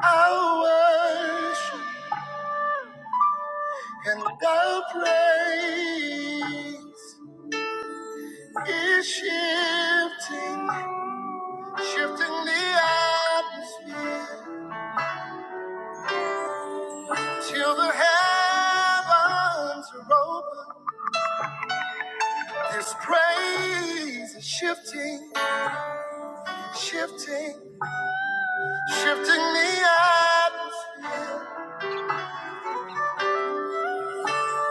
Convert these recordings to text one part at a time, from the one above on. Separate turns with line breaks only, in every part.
I worship and I praise is shifting, shifting the atmosphere till the heavens are open. This praise is shifting, shifting, shifting the atmosphere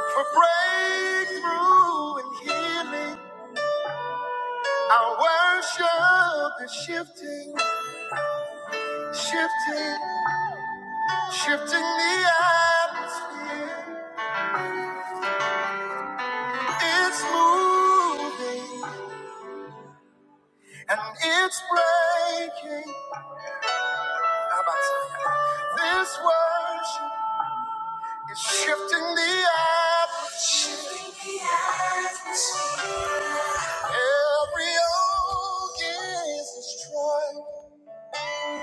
for breakthrough and healing. Our worship is shifting, shifting. Shifting the atmosphere, it's moving and it's breaking. How about that? This worship is shifting the atmosphere. Every yoke is destroyed,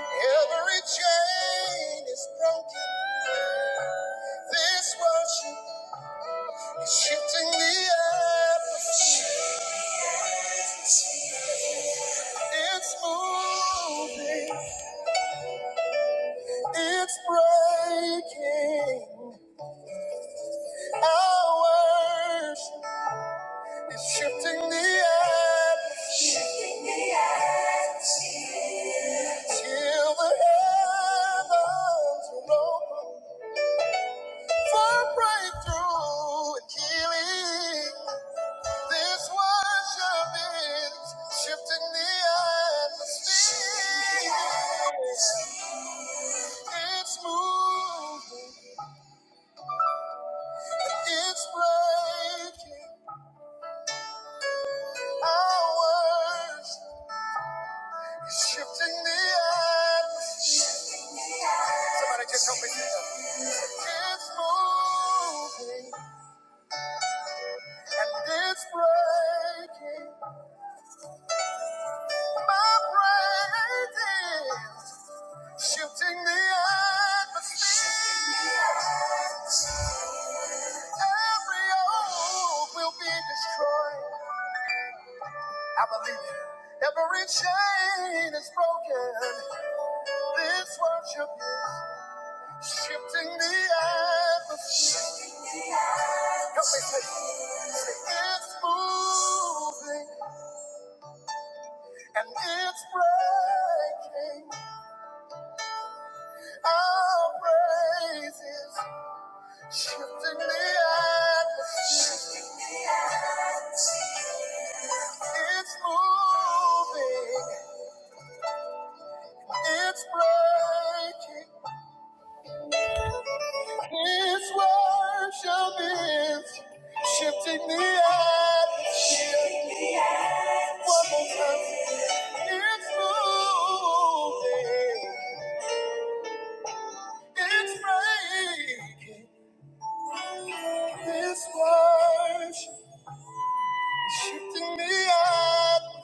every chain is broken. This worship is shifting the atmosphere. It's moving. It's breaking hours. It's shifting the atmosphere till the heavens are open for breakthrough and healing. This worship is shifting the atmosphere. It's moving. It's breaking hours. Shifting the atmosphere. Somebody just help me Jesus. It's moving and it's breaking. My praise is shifting the atmosphere. Every old will be destroyed. I believe it. Every chain is broken. This worship is shifting the atmosphere. Help me say, say it's moving and it's breaking. Our praises shifting the atmosphere. It's moving, it's breaking. His worship is shifting the atmosphere. One more time. It's moving, it's breaking. This worship is shifting me up.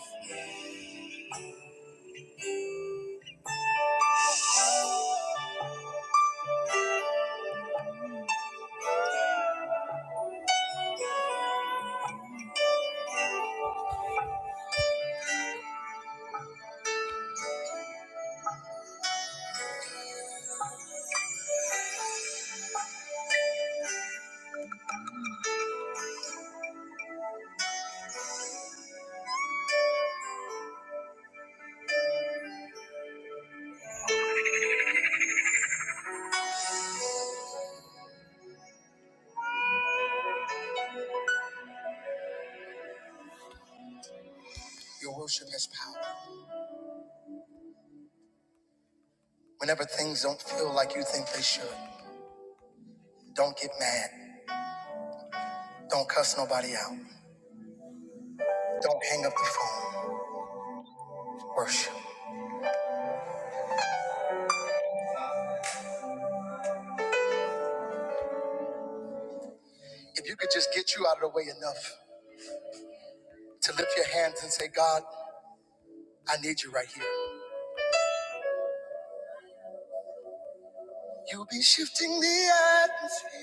Your worship has power. Whenever things don't feel like you think they should, don't get mad. Don't cuss nobody out. Don't hang up the phone. Worship. If you could just get you out of the way enough to lift your hands and say, God, I need you right here. You'll be shifting the atmosphere.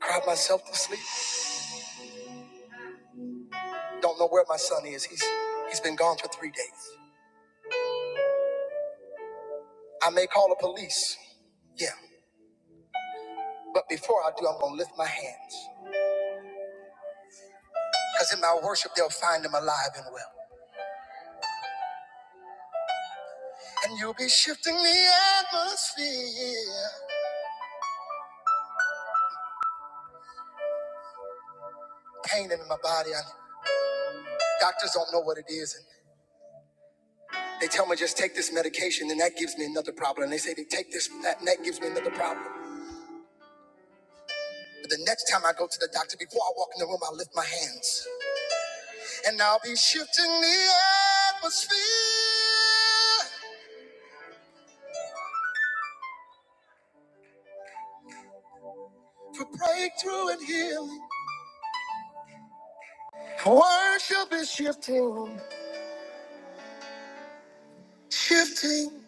Cried myself to sleep. Don't know where my son is. He's he's been gone for three days. I may call the police. Yeah. But before I do, I'm gonna lift my hands. Because in my worship, they'll find him alive and well. And you'll be shifting the atmosphere. Pain in my body. I, doctors don't know what it is. And they tell me just take this medication, and that gives me another problem. And they say they take this, that, and that gives me another problem. But the next time I go to the doctor, before I walk in the room, I lift my hands. And I'll be shifting the atmosphere for breakthrough and healing. Worship is shifting, shifting.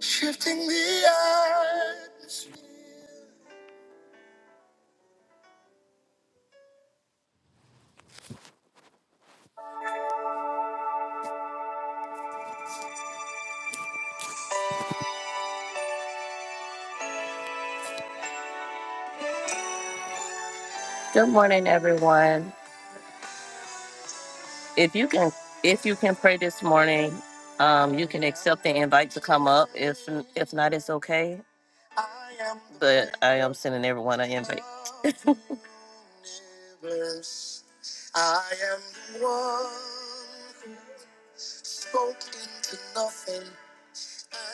Shifting the atmosphere. Good morning, everyone. If you can, if you can pray this morning, um, you can accept the invite to come up. If if not, it's okay. I am the But I am sending everyone an invite. universe. I am the one who spoke into nothing,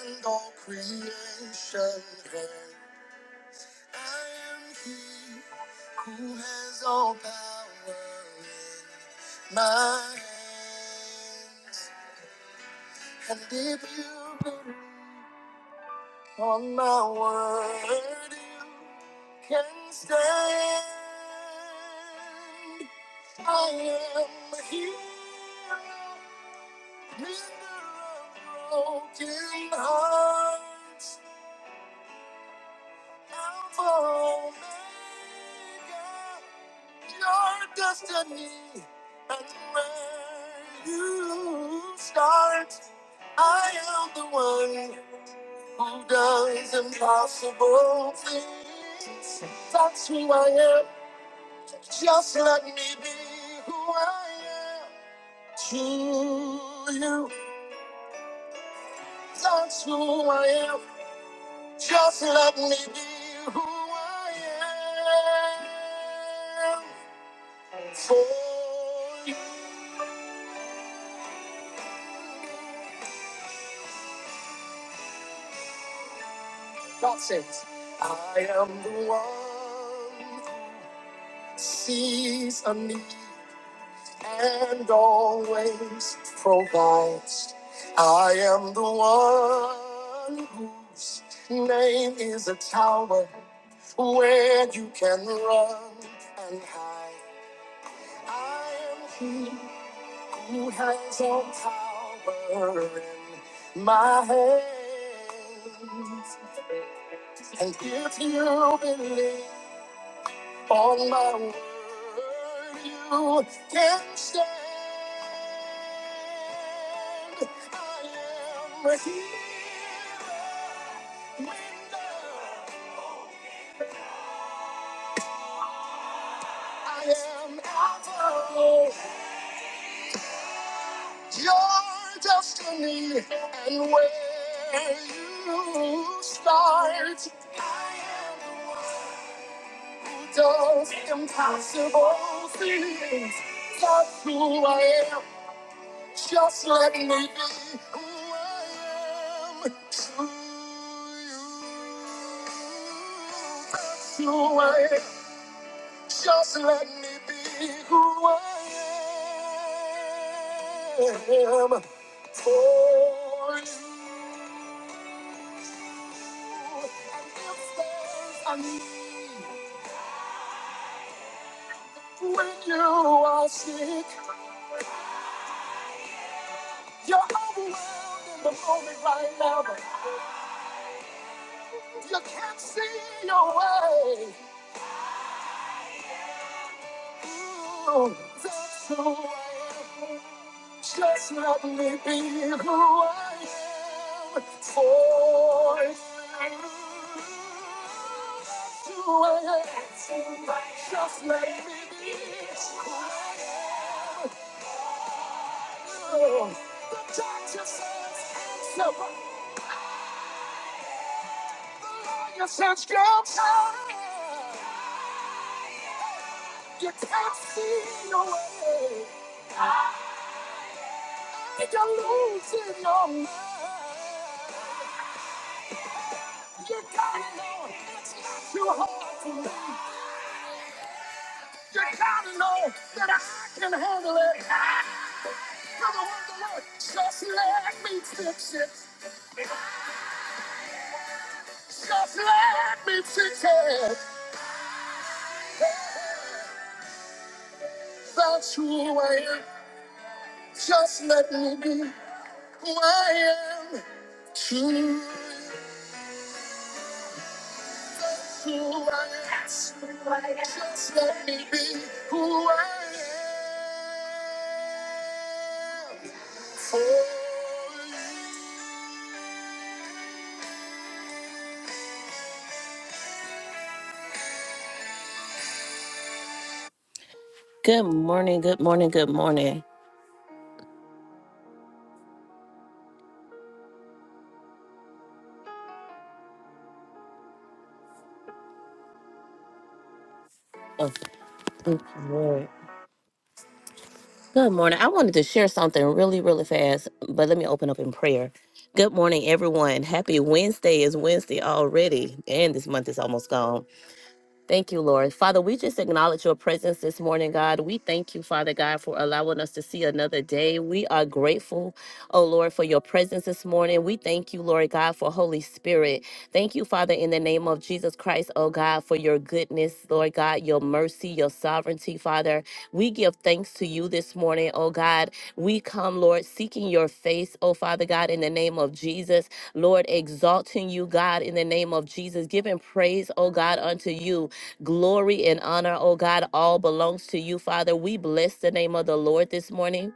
and all creation heard. I am he who has all power in my hands. And if you believe on my word, you can stand. I am the hero, mender of broken hearts, Alpha Omega. your destiny and where you start. I am the one who does impossible things. That's who I am. Just let me be who I am to you. That's who I am. Just let me be who I am for you. God says, I am the one who sees a need and always provides. I am the one whose name is a tower where you can run and hide. I am he who has all power in my hands. And if you believe On my word, you can stand. I am a healer. I am Alpha. Your destiny and where you start. I am the one who does impossible things. That's who I am. Just let me be who I am to you. That's who I am. Just let me be who I am for you. And if there's a need when you are sick, you're overwhelmed in the moment right now, but you can't see your way. Oh, That's who I am. Just let me be who I am for you. That's who I am. Just let me be who I am. Oh, that's how it is. You can't see your way. Losing your mind. You that I can handle it. Ah, for the Come on, Lord. Just let me fix it. Just let me pretend that's who I am. Just let me be who I am. True. That's who I am. That's who I am. Just let me be who I am. For you. Good morning, good morning, good morning. Oh, thank you, Lord. Good morning. I wanted to share something really, really fast, but let me open up in prayer. Good morning, everyone. Happy Wednesday. It's Wednesday already, and this month is almost gone. Thank you, Lord. Father, we just acknowledge your presence this morning, God. We thank you, Father God, for allowing us to see another day. We are grateful, oh Lord, for your presence this morning. We thank you, Lord God, for Holy Spirit. Thank you, Father, in the name of Jesus Christ, oh God, for your goodness, Lord God, your mercy, your sovereignty, Father. We give thanks to you this morning, oh God. We come, Lord, seeking your face, oh Father God, in the name of Jesus. Lord, exalting you, God, in the name of Jesus, giving praise, oh God, unto you. Glory and honor, oh God, all belongs to you, Father. We bless the name of the Lord this morning.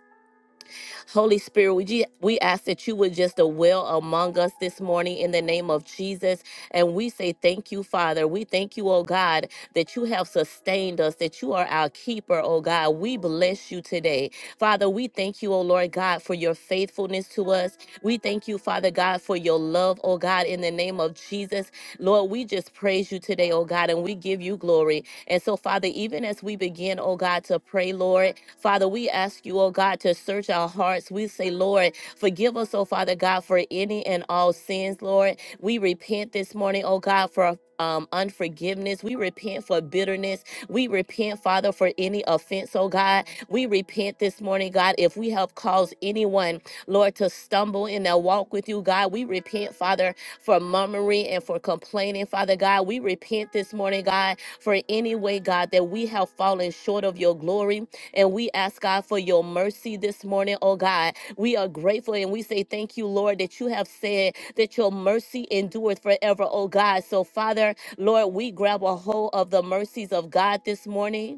Holy Spirit, we, ju- we ask that you would just dwell among us this morning in the name of Jesus. And we say thank you, Father. We thank you, oh God, that you have sustained us, that you are our keeper, oh God. We bless you today. Father, we thank you, oh Lord God, for your faithfulness to us. We thank you, Father God, for your love, oh God, in the name of Jesus. Lord, we just praise you today, oh God, and we give you glory. And so, Father, even as we begin, oh God, to pray, Lord, Father, we ask you, oh God, to search our hearts. We say, Lord, forgive us, oh Father God, for any and all sins, Lord. We repent this morning, oh God, for um, unforgiveness. We repent for bitterness. We repent, Father, for any offense, oh God. We repent this morning, God, if we have caused anyone, Lord, to stumble in their walk with you, God. We repent, Father, for murmuring and for complaining, Father God. We repent this morning, God, for any way, God, that we have fallen short of your glory. And we ask, God, for your mercy this morning, oh God. We are grateful and we say thank you, Lord, that you have said that your mercy endureth forever, oh God. So, Father, Lord, we grab a hold of the mercies of God this morning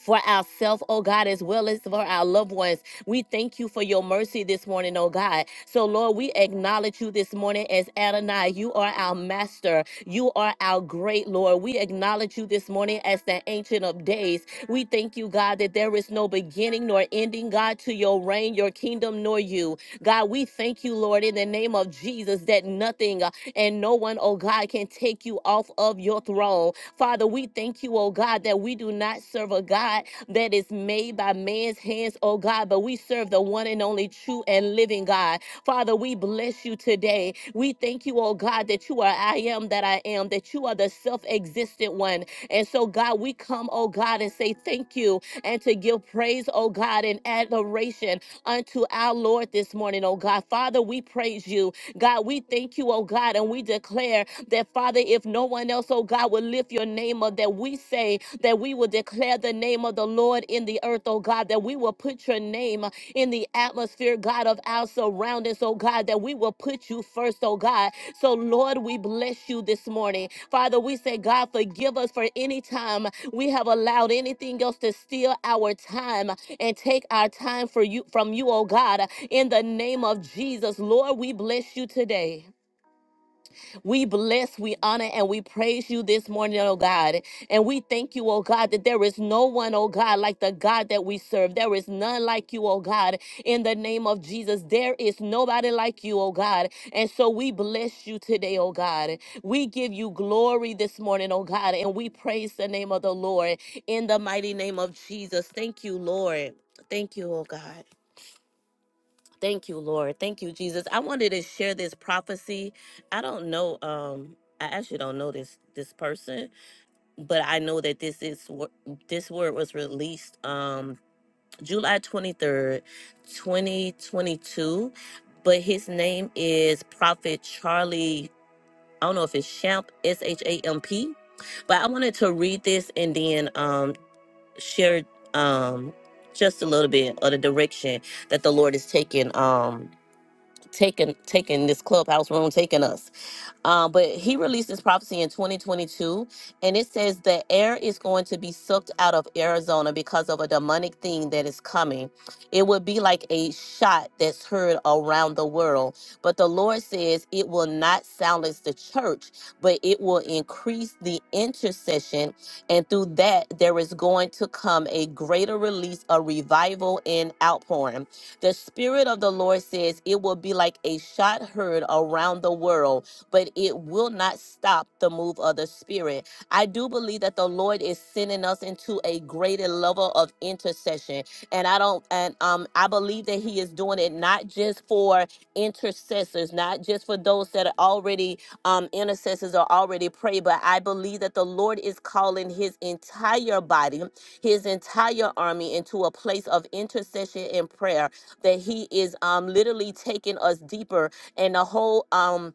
for ourselves, oh God, as well as for our loved ones. We thank you for your mercy this morning, oh God. So, Lord, we acknowledge you this morning as Adonai. You are our master. You are our great Lord. We acknowledge you this morning as the Ancient of Days. We thank you, God, that there is no beginning nor ending, God, to your reign, your kingdom, nor you. God, we thank you, Lord, in the name of Jesus, that nothing, and no one, oh God, can take you off of your throne. Father, we thank you, oh God, that we do not serve a God that is made by man's hands, oh God, but we serve the one and only true and living God. Father, we bless you today. We thank you, oh God, that you are I am that I am, that you are the self existent one. And so, God, we come, oh God, and say thank you and to give praise, oh God, and adoration unto our Lord this morning, oh God. Father, we praise you God, we thank you, oh God, and we declare that, Father, if no one else, oh God, will lift your name up, that we say that we will declare the name of the Lord in the earth, oh God, that we will put your name in the atmosphere, God, of our surroundings, oh God, that we will put you first, oh God. So, Lord, we bless you this morning. Father, we say, God, forgive us for any time we have allowed anything else to steal our time and take our time for you from you, oh God. In the name of Jesus, Lord, we bless you today. We bless, we honor, and we praise you this morning, oh God. And we thank you, oh God, that there is no one, oh God, like the God that we serve. There is none like you, oh God. In the name of Jesus, there is nobody like you, oh God. And so we bless you today, oh God. We give you glory this morning, oh God, and we praise the name of the Lord in the mighty name of Jesus. Thank you, Lord. Thank you, oh God. Thank you, Lord. Thank you, Jesus. I wanted to share this prophecy. I don't know. Um, I actually don't know this this person, but I know that this is wor- this word was released um July twenty third, twenty twenty two. But his name is Prophet Charlie. I don't know if it's Champ S H A M P, but I wanted to read this and then um share um just a little bit of the direction that the Lord is taking. Um taking taking this clubhouse room, taking us. Um, but he released this prophecy in 2022, and it says the air is going to be sucked out of Arizona because of a demonic thing that is coming. It would be like a shot that's heard around the world. But the Lord says it will not silence the church, but it will increase the intercession. And through that, there is going to come a greater release, a revival and outpouring. The Spirit of the Lord says it will be like a shot heard around the world but it will not stop the move of the Spirit. I do believe that the Lord is sending us into a greater level of intercession. And I don't, and um, I believe that He is doing it not just for intercessors, not just for those that are already um, intercessors or already pray, but I believe that the Lord is calling His entire body, His entire army into a place of intercession and prayer. That He is um, literally taking us deeper and the whole. Um,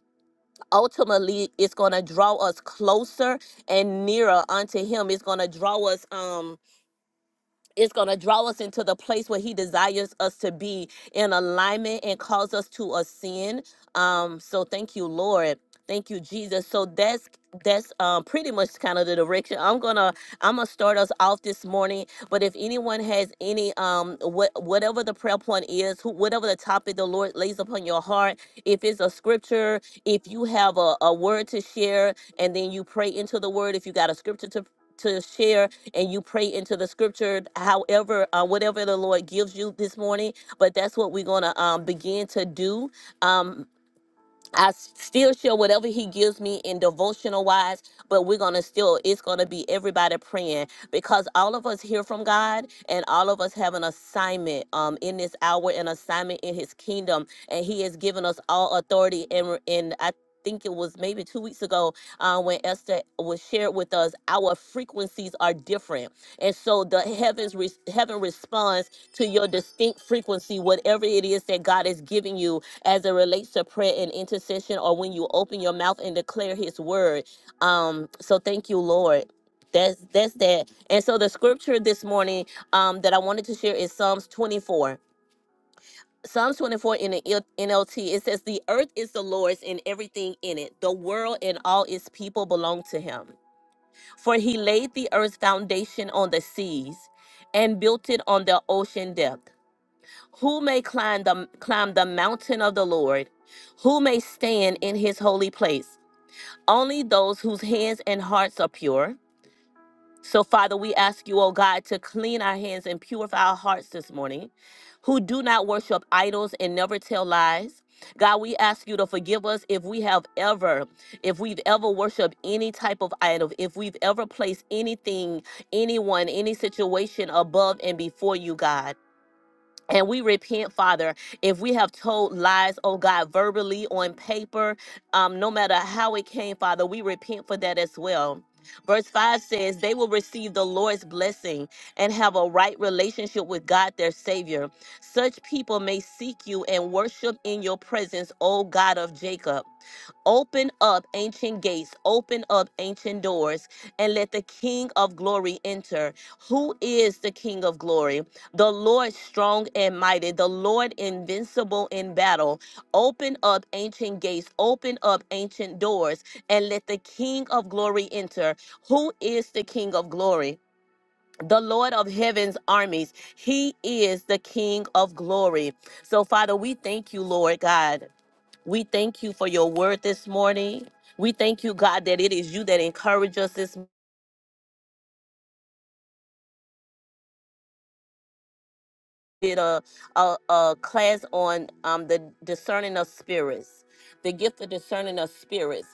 ultimately it's going to draw us closer and nearer unto him it's going to draw us um it's going to draw us into the place where he desires us to be in alignment and cause us to ascend um so thank you lord thank you jesus so that's that's um, pretty much kind of the direction i'm gonna i'm gonna start us off this morning but if anyone has any um what whatever the prayer point is who, whatever the topic the lord lays upon your heart if it's a scripture if you have a, a word to share and then you pray into the word if you got a scripture to to share and you pray into the scripture, however, uh, whatever the Lord gives you this morning. But that's what we're going to um, begin to do. Um, I s- still share whatever he gives me in devotional wise, but we're gonna still, it's gonna be everybody praying because all of us hear from God and all of us have an assignment um in this hour, an assignment in his kingdom, and he has given us all authority and and I think it was maybe two weeks ago uh, when Esther was shared with us our frequencies are different and so the heavens re- heaven responds to your distinct frequency whatever it is that God is giving you as it relates to prayer and intercession or when you open your mouth and declare his word. Um, so thank you, Lord. That's that's that. And so the scripture this morning um that I wanted to share is Psalms 24. Psalms 24 in the L- NLT, it says, The earth is the Lord's and everything in it. The world and all its people belong to him. For he laid the earth's foundation on the seas and built it on the ocean depth. Who may climb the climb the mountain of the Lord? Who may stand in his holy place? Only those whose hands and hearts are pure. So Father, we ask you, oh God, to clean our hands and purify our hearts this morning, who do not worship idols and never tell lies. God, we ask you to forgive us if we have ever, if we've ever worshiped any type of idol, if we've ever placed anything, anyone, any situation above and before you, God. And we repent, Father, if we have told lies, oh God, verbally on paper, um, no matter how it came, Father, we repent for that as well. Verse 5 says, They will receive the Lord's blessing and have a right relationship with God, their Savior. Such people may seek you and worship in your presence, O God of Jacob. Open up ancient gates, open up ancient doors, and let the King of glory enter. Who is the King of glory? the Lord strong and mighty, the Lord invincible in battle. Open up ancient gates, open up ancient doors, and let the King of glory enter. Who is the King of glory? The Lord of heaven's armies. He is the King of glory. So, Father, we thank you, Lord God. We thank you for your word this morning. We thank you, God, that it is you that encourage us this did a, a, a class on um, the discerning of spirits, the gift of discerning of spirits.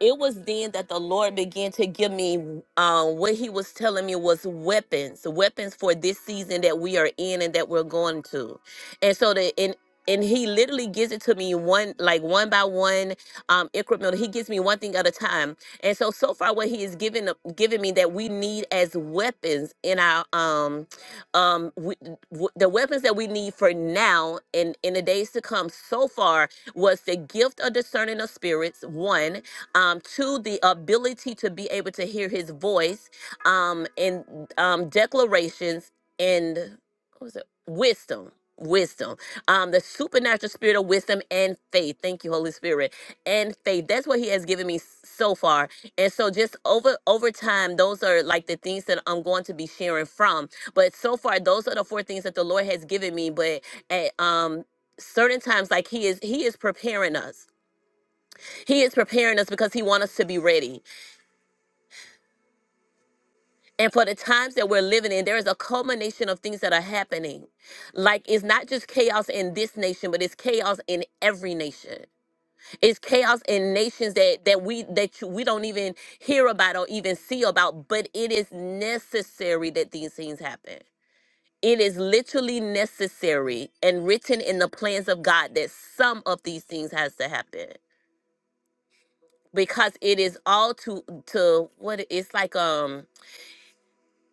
It was then that the Lord began to give me um, what He was telling me was weapons, weapons for this season that we are in and that we're going to. And so the and and he literally gives it to me one like one by one um incremental he gives me one thing at a time and so so far what he is giving giving me that we need as weapons in our um um we, w- the weapons that we need for now and in the days to come so far was the gift of discerning of spirits one um two the ability to be able to hear his voice um and um declarations and what was it wisdom wisdom um the supernatural spirit of wisdom and faith thank you holy spirit and faith that's what he has given me s- so far and so just over over time those are like the things that i'm going to be sharing from but so far those are the four things that the lord has given me but at um certain times like he is he is preparing us he is preparing us because he wants us to be ready and for the times that we're living in there is a culmination of things that are happening like it's not just chaos in this nation but it's chaos in every nation it's chaos in nations that that we that you, we don't even hear about or even see about but it is necessary that these things happen It is literally necessary and written in the plans of God that some of these things has to happen because it is all to to what it's like. Um,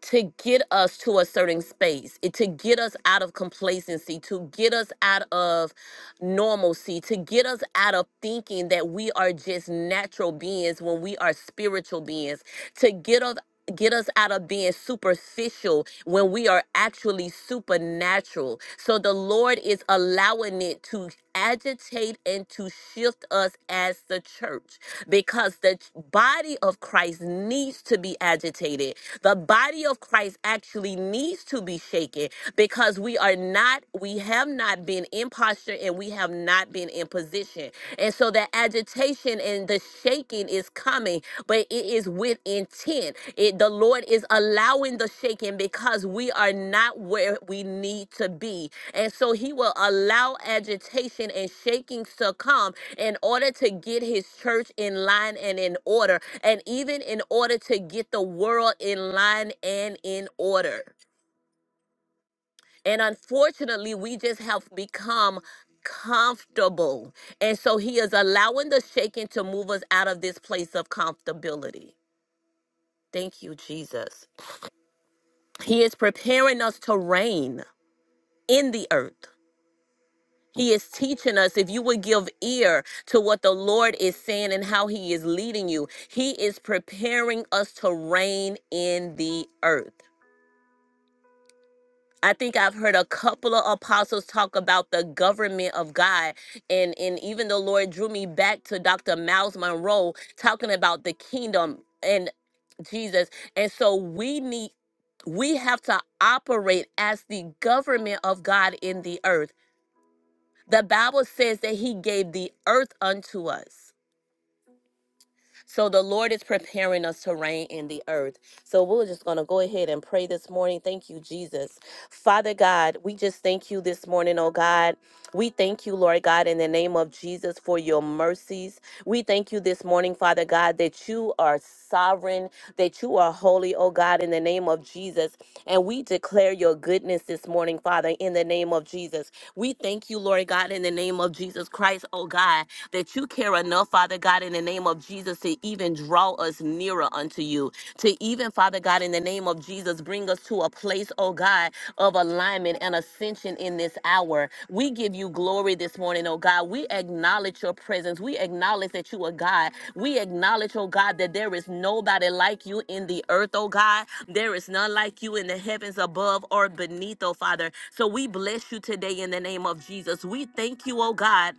to get us to a certain space, it, to get us out of complacency, to get us out of normalcy, to get us out of thinking that we are just natural beings when we are spiritual beings, to get us get us out of being superficial when we are actually supernatural. So the Lord is allowing allowing it to agitate and to shift us as the church because the ch- body of Christ needs to be agitated. The body of Christ actually needs to be shaken because we are not, we have not been in posture and we have not been in position. And so that agitation and the shaking is is coming, but it is with intent. It the Lord is allowing the shaking because we are not where we need to be. And so he will allow agitation and shakings to come in order to get his church in line and in order, and even in order to get the world in line and in order. And unfortunately, we just have become comfortable. And so he is allowing the shaking to move us out of this place of comfortability. Thank you, Jesus. He is preparing us to reign in the earth. He is teaching us if you would give ear to what the Lord is saying and how He is leading you, He is preparing us to reign in the earth. I think I've heard a couple of apostles talk about the government of God. And, and even the Lord drew me back to Dr. Miles Monroe talking about the kingdom and Jesus. And so we need, we have to operate as the government of God in the earth. The Bible says that He gave the earth unto us. So the Lord is preparing us to reign in the earth. So we're just going to go ahead and pray this morning. Thank you, Jesus. Father God, we just thank you this morning, oh God. We thank you, Lord God, in the name of Jesus for your mercies. We thank you this morning, Father God, that you are sovereign, that you are holy, oh God, in the name of Jesus. And we declare your goodness this morning, Father, in the name of Jesus. We thank you, Lord God, in the name of Jesus Christ, oh God that you care enough, Father God, in the name of Jesus, to even draw us nearer unto you, to even, Father God, in the name of Jesus, bring us to a place, oh God, of alignment and ascension in this hour. We give you glory this morning, oh God. We acknowledge your presence. We acknowledge that you are God. We acknowledge, oh God, that there is nobody like you in the earth, oh God. There is none like you in the heavens above or beneath, oh Father. So we bless you today in the name of Jesus. We thank you, oh God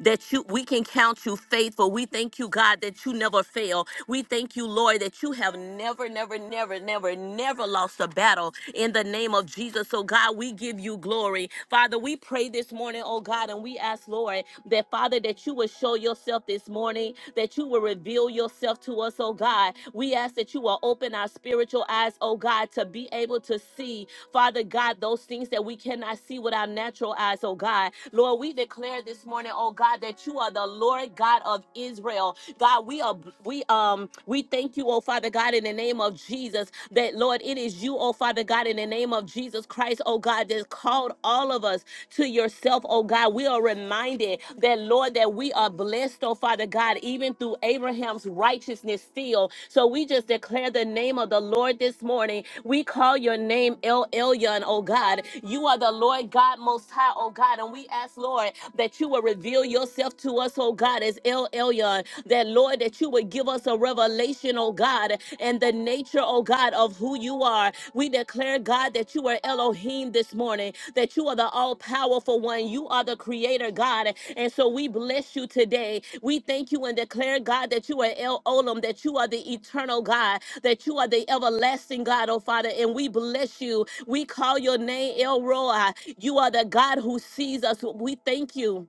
that you we can count you faithful. We thank you, God, that you never fail. We thank you, Lord, that you have never, never, never, never, never lost a battle in the name of Jesus. So, God, we give you glory. Father, we pray this morning, oh God, and we ask, Lord, that Father, that you will show yourself this morning, that you will reveal yourself to us, oh God. We ask that you will open our spiritual eyes, oh God, to be able to see, Father God, those things that we cannot see with our natural natural eyes, oh God. Lord, we declare this morning, oh God, that you are the Lord God of Israel. God, we are we um we thank you, oh Father God, in the name of Jesus, that Lord, it is you, oh Father God, in the name of Jesus Christ, oh God, that called all of us to yourself, oh God. We are reminded that Lord, that we are blessed, oh Father God, even through Abraham's righteousness still. So we just declare the name of the Lord this morning. We call your name name El Elyon, oh God. You are the Lord God Most High, oh God. And we ask, Lord, that you will reveal yourself to us, oh God, as El Elyon. That, Lord, that you would give us a revelation, oh God, and the nature, oh God, of who you are. We declare, God, that you are Elohim this morning, that you are the all powerful one. You are the creator, God. And so we bless you today. We thank you and declare, God, that you are El Olam, that you are the eternal God, that you are the everlasting God, oh Father, and we bless you. We call your name El Roi. You are the God who sees us. We thank you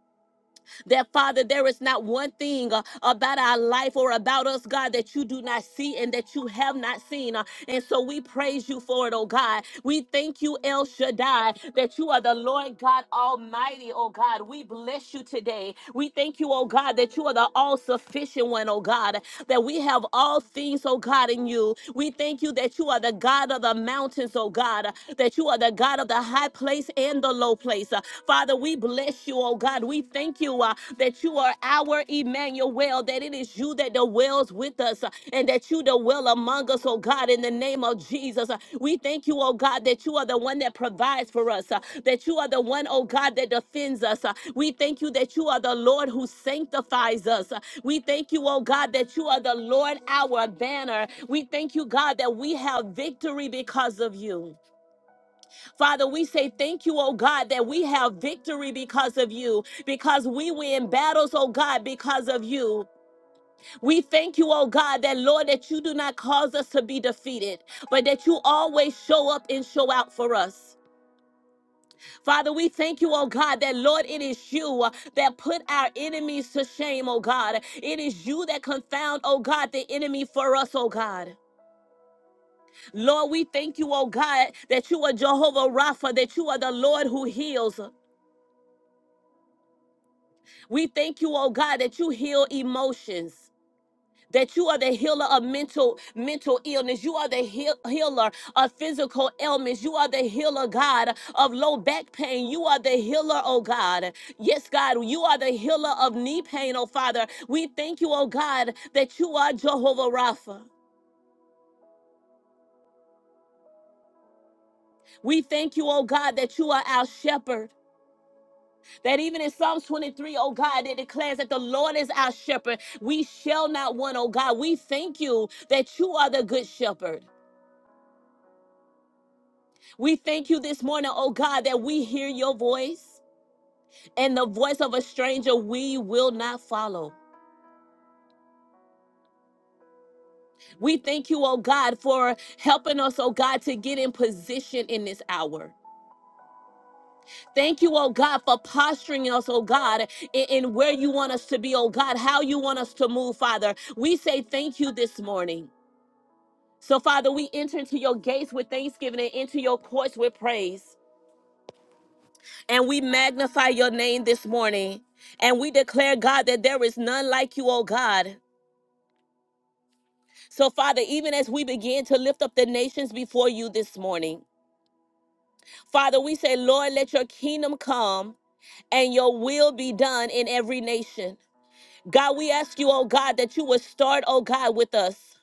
that, Father, there is not one thing uh, about our life or about us, God, that you do not see and that you have not seen. Uh, and so we praise you for it, oh God. We thank you, El Shaddai, that you are the Lord God Almighty, oh God. We bless you today. We thank you, oh God, that you are the all sufficient one, oh God, that we have all things, oh God, in you. We thank you that you are the God of the mountains, oh God, that you are the God of the high place and the low place. Uh, Father, we bless you, oh God. We thank you uh, that that you are our Emmanuel, that it is you that dwells with us, uh, and that you dwell among us, oh God, in the name of Jesus. Uh, We thank you, oh God, that you are the one that provides for us, uh, that you are the one, oh God, that defends us. Uh, We thank you that you are the Lord who sanctifies us. Uh, We thank you, oh God, that you are the Lord, our banner. We thank you, God, that we have victory because of you. Father, we say thank you, oh God, that we have victory because of you, because we win battles, oh God, because of you. We thank you, oh God, that Lord, that you do not cause us to be defeated, but that you always show up and show out for us. Father, we thank you, oh God, that Lord, it is you uh, that put our enemies to shame, oh God. It is you that confound, oh God, the enemy for us, oh God. Lord, we thank you, oh God, that you are Jehovah Rapha, that you are the Lord who heals. We thank you, oh God, that you heal emotions. That you are the healer of mental mental illness. You are the heal, healer of physical ailments. You are the healer, God, of low back pain. You are the healer, oh God. Yes, God, you are the healer of knee pain, oh Father. We thank you, oh God, that you are Jehovah Rapha. We thank you, oh God, that you are our shepherd. That even in Psalms 23, O God, it declares that the Lord is our shepherd. We shall not want, oh God. We thank you that you are the good shepherd. We thank you this morning, oh God, that we hear your voice and the voice of a stranger we will not follow. We thank you, oh God, for helping us, oh God, to get in position in this hour. Thank you, oh God, for posturing us, oh God, in, in where you want us to be, oh God, how you want us to move, Father. We say thank you this morning. So, Father, we enter into your gates with thanksgiving and into your courts with praise. And we magnify your name this morning. And we declare, God, that there is none like you, O God. So, Father, even as we begin to lift up the nations before you this morning, Father, we say, Lord, let your kingdom come and your will be done in every nation. God, we ask you, oh God, that you would start, oh God, with us.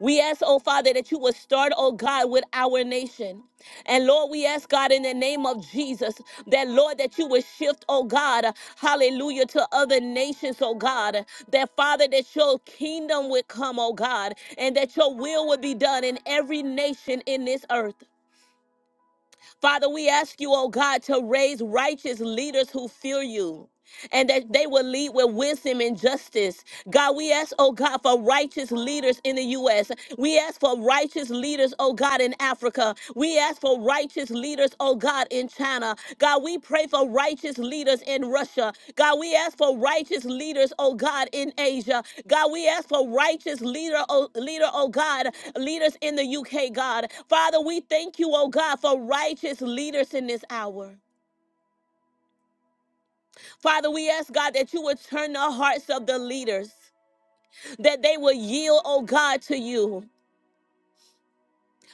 We ask, oh Father, that you would start, oh God, with our nation. And Lord, we ask, God, in the name of Jesus, that Lord, that you would shift, oh God, hallelujah, to other nations, oh God. That Father, that your kingdom would come, oh God, and that your will would be done in every nation in this earth. Father, we ask you, oh God, to raise righteous leaders who fear you and that they will lead with wisdom and justice. God, we ask, oh God, for righteous leaders in the U.S. We ask for righteous leaders, oh God, in Africa. We ask for righteous leaders, oh God, in China. God, we pray for righteous leaders in Russia. God, we ask for righteous leaders, oh God, in Asia. God, we ask for righteous leader, oh, leader, oh God, leaders in the UK, God. Father, we thank you, oh God, for righteous leaders in this hour. Father, we ask God that you would turn the hearts of the leaders, that they would yield, oh God, to you.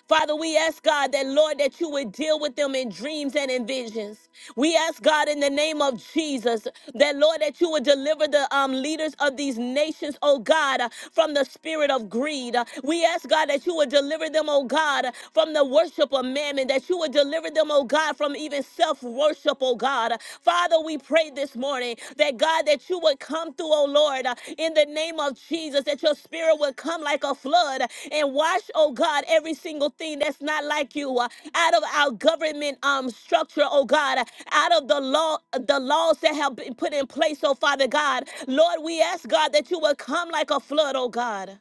Father, we ask God that, Lord, that you would deal with them in dreams and in visions. We ask God in the name of Jesus that, Lord, that you would deliver the um, leaders of these nations, oh God, uh, from the spirit of greed. Uh, We ask God that you would deliver them, oh God, uh, from the worship of mammon, that you would deliver them, oh God, from even self worship, oh God. Father, we pray this morning that, God, that you would come through, oh Lord, uh, in the name of Jesus, that your spirit would come like a flood uh, and wash, oh God, every single thing that's not like you uh, out of our government um structure, oh God, uh, out of the law, the laws that have been put in place, oh Father God. Lord, we ask God that you would come like a flood, oh God.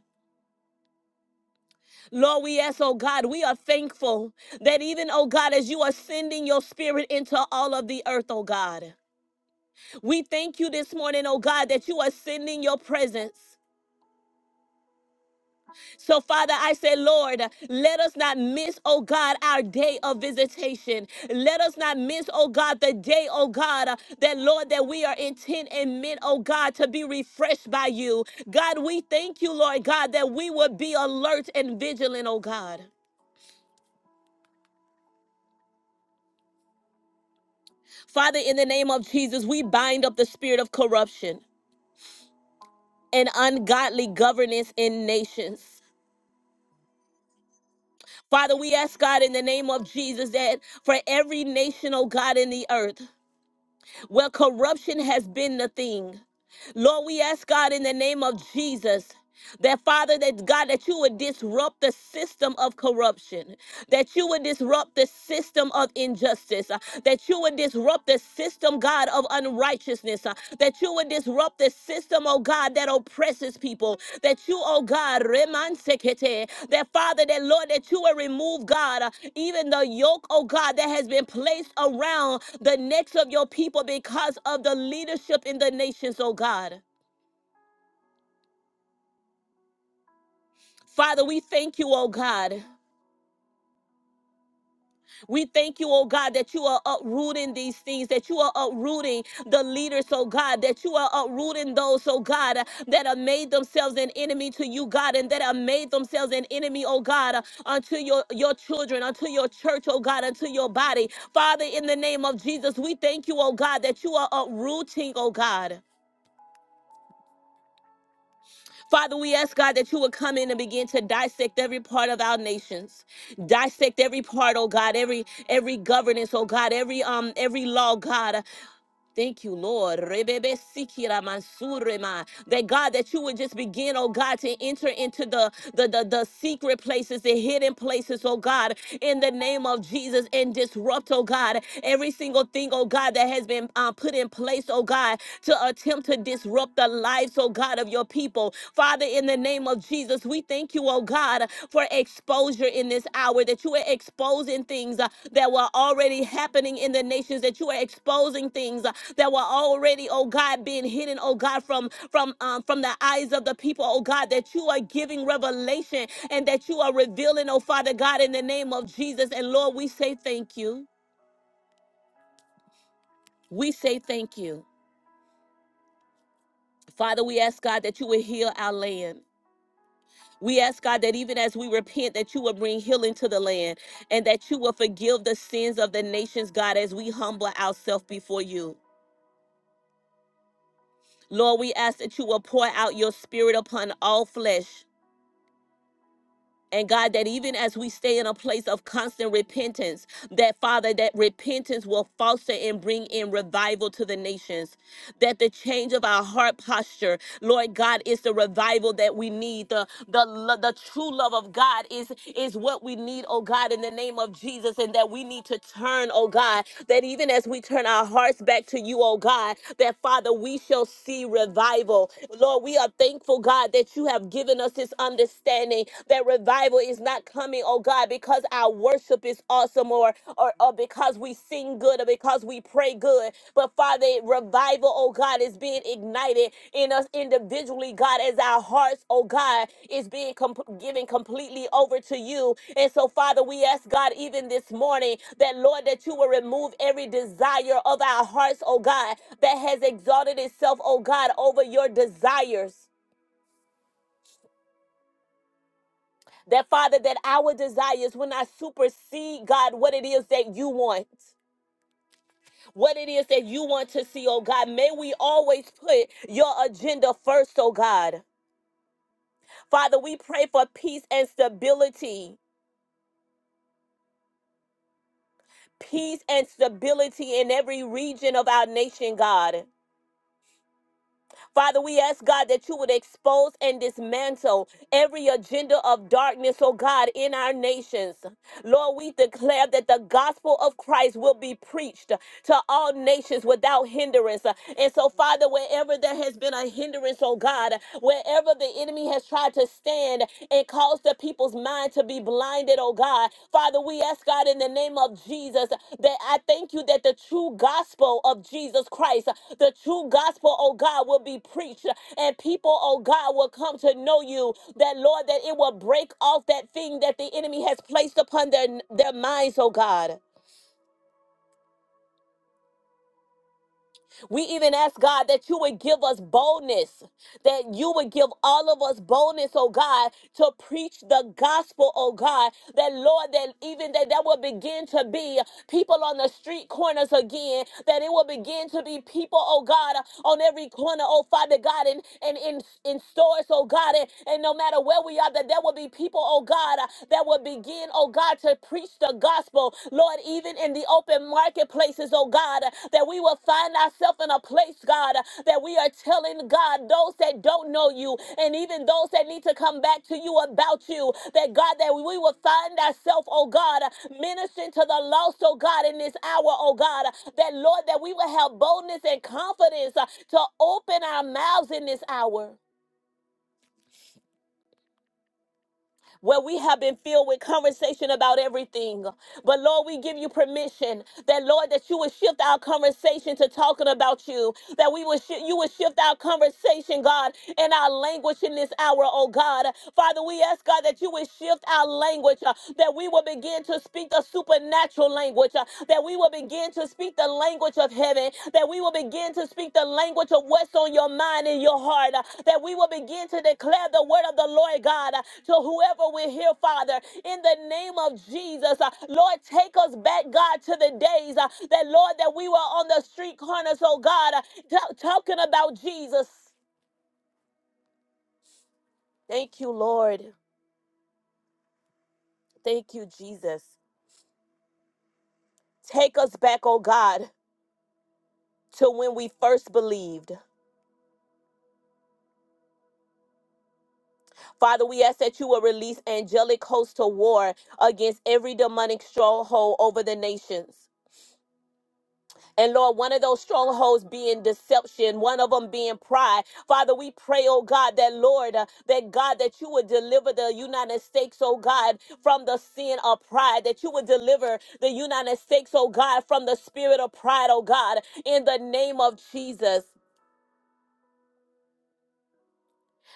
Lord, we ask, oh God, we are thankful that even, oh God, as you are sending your spirit into all of the earth, oh God, we thank you this morning, oh God, that you are sending your presence. So, Father, I say, Lord, let us not miss, oh God, our day of visitation. Let us not miss, oh God, the day, oh God, uh, that, Lord, that we are intent and meant, oh God, to be refreshed by you. God, we thank you, Lord God, that we will be alert and vigilant, oh God. Father, in the name of Jesus, we bind up the spirit of corruption and ungodly governance in nations. Father, we ask God in the name of Jesus that for every nation, oh God, in the earth, where corruption has been the thing. Lord, we ask God in the name of Jesus that Father, that God, that you would disrupt the system of corruption, that you would disrupt the system of injustice, uh, that you would disrupt the system, God, of unrighteousness, uh, that you would disrupt the system, oh God, that oppresses people, that you, oh God, remansekete, that Father, that Lord, that you will remove, God, uh, even the yoke, oh God, that has been placed around the necks of your people because of the leadership in the nations, oh God. Father, we thank you, oh God. We thank you, oh God, that you are uprooting these things, that you are uprooting the leaders, oh God, that you are uprooting those, oh God, that have made themselves an enemy to you, God, and that have made themselves an enemy, oh God, unto your, your children, unto your church, oh God, unto your body. Father, in the name of Jesus, we thank you, oh God, that you are uprooting, oh God. Father, we ask God that you would come in and begin to dissect every part of our nations. Dissect every part, oh God, every every governance, oh God, every um every law, God. Thank you, Lord. Rebebe sikira mansurema. That God, that you would just begin, oh God, to enter into the, the, the, the secret places, the hidden places, oh God, in the name of Jesus and disrupt, oh God, every single thing, oh God, that has been uh, put in place, oh God, to attempt to disrupt the lives, oh God, of your people. Father, in the name of Jesus. Jesus, we thank you, oh God, for exposure in this hour, that you are exposing things uh, that were already happening in the nations, that you are exposing things uh, that were already, oh God, being hidden, oh God, from from um, from the eyes of the people, oh God, that you are giving revelation and that you are revealing, oh Father God, in the name of Jesus. And Lord, we say thank you. We say thank you. Father, we ask God that you would heal our land. We ask God that even as we repent, that you will bring healing to the land and that you will forgive the sins of the nations, God, as we humble ourselves before you. Lord, we ask that you will pour out your spirit upon all flesh. And God, that even as we stay in a place of constant repentance, that Father, that repentance will foster and bring in revival to the nations. That the change of our heart posture, Lord God, is the revival that we need. the The, lo- the true love of God is, is what we need, oh God, in the name of Jesus, and that we need to turn, oh God, that even as we turn our hearts back to you, oh God, that Father, we shall see revival. Lord, we are thankful, God, that you have given us this understanding that revival is not coming, oh God, because our worship is awesome or, or, or because we sing good or because we pray good. But Father, revival, oh God, is being ignited in us individually, God, as our hearts, oh God, is being comp- given completely over to you. And so, Father, we ask God, even this morning, that Lord, that you will remove every desire of our hearts, oh God, that has exalted itself, oh God, over your desires. That Father, that our desires will not supersede, God, what it is that you want. what it is that you want to see, oh God. May we always put your agenda first, oh God. Father, we pray for peace and stability. Peace and stability in every region of our nation, God. Father, we ask God that you would expose and dismantle every agenda of darkness, oh God, in our nations. Lord, we declare that the gospel of Christ will be preached to all nations without hindrance. And so, Father, wherever there has been a hindrance, oh God, wherever the enemy has tried to stand and cause the people's mind to be blinded, oh God, Father, we ask God in the name of Jesus that I thank you that the true gospel of Jesus Christ the true gospel, oh God, will be preached, and people, oh God, will come to know you. That, Lord, that it will break off that thing that the enemy has placed upon their, their minds, oh God. We even ask God that you would give us boldness, that you would give all of us boldness, oh God, to preach the gospel, oh God. That Lord, that even that that will begin to be people on the street corners again, that it will begin to be people, oh God, on every corner, oh Father God, and and in, in in stores, oh God, and, and no matter where we are, that there will be people, oh God, that will begin, oh God, to God, to preach the gospel, Lord, even in the open marketplaces, oh God, that we will find ourselves in a place, God, that we are telling God those that don't know you and even those that need to come back to you about you, that God, that we will find ourselves, oh God, ministering to the lost, oh God, in this hour, oh God, that Lord, that we will have boldness and confidence uh, to open our mouths in this hour. where we have been filled with conversation about everything. But Lord, we give you permission that Lord, that you would shift our conversation to talking about you. That we would shi you would shift our conversation, God, and our language in this hour, oh God. Father, we ask God that you would shift our language, uh, that we will begin to speak a supernatural language language, uh, that we will begin to speak the language of heaven, that we will begin to speak the language of what's on your mind and your heart, uh, that we will begin to declare the word of the Lord God uh, to whoever we're here, Father, in the name of Jesus. uh, Lord, take us back, God, to the days uh, that, Lord, that we were on the street corners, oh God, uh, ta- talking about Jesus. Thank you, Lord. Thank you, Jesus. Take us back, oh God, to when we first believed. Father, we ask that you will release angelic hosts to war against every demonic stronghold over the nations. And Lord, one of those strongholds being deception, one of them being pride. Father, we pray, oh God, that Lord, uh, that God, that you would deliver the United States, oh God, from the sin of pride, that you would deliver the United States, oh God, from the spirit of pride, oh God, in the name of Jesus.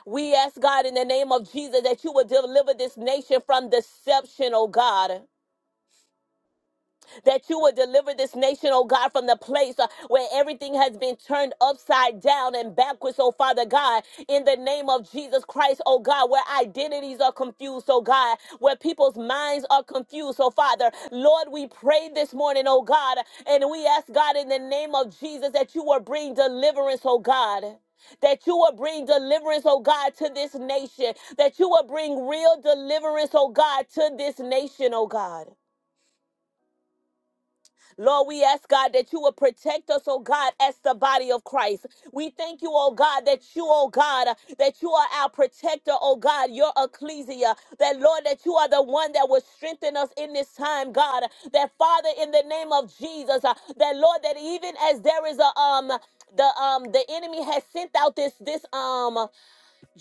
We ask God in the name of Jesus that you would deliver this nation from deception, oh God. that you would deliver this nation, oh God, from the place uh, where everything has been turned upside down and backwards, oh Father God, in the name of Jesus Christ, oh God, where identities are confused, oh God, where people's minds are confused, oh Father. Lord, we pray this morning, oh God, and we ask God in the name of Jesus that you will bring deliverance, oh God that you will bring deliverance, oh God, to this nation, that you will bring real deliverance, oh God, to this nation, oh God. Lord, we ask God that you will protect us, oh God, as the body of Christ. We thank you, oh God, that you, oh God, that you are our protector, oh God, your ecclesia. That, Lord, that you are the one that will strengthen us in this time, God. That, Father, in the name of Jesus, uh, that, Lord, that even as there is a, um, the um the enemy has sent out this this um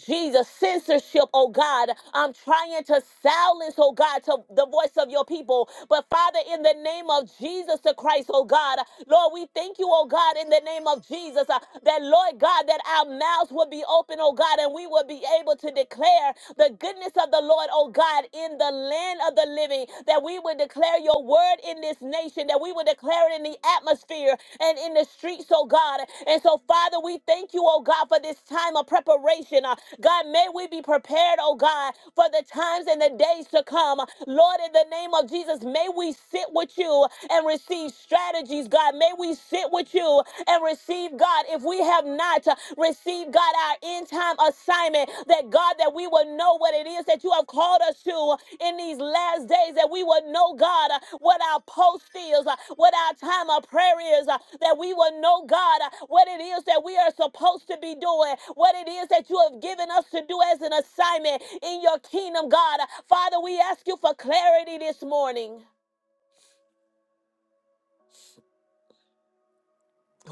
Jesus, censorship, oh God. I'm trying to silence, oh God, to the voice of your people. But Father, in the name of Jesus the Christ, oh God, Lord, we thank you, oh God, in the name of Jesus, uh, that Lord God, that our mouths will be open, oh God, and we will be able to declare the goodness of the Lord, oh God, in the land of the living, that we would declare your word in this in this nation, that we would declare it in the atmosphere and in the streets, oh God. And so, Father, we thank you, oh God, for this time of preparation. Uh, God, may we be prepared, oh God, for the times and the days to come. Lord, in the name of Jesus, may we sit with you and receive strategies, God. May we sit with you and receive, God, if we have not uh, received, God, our our end time assignment. That God, that we will know what it is that you have called us to in these last days, that we will know, God, uh, what our post is, uh, what our time of prayer is, uh, that we will know, God, uh, what it is that we are supposed to be doing, what it is that you have given us to do as an assignment in your kingdom, God. Father, we ask you for clarity this morning.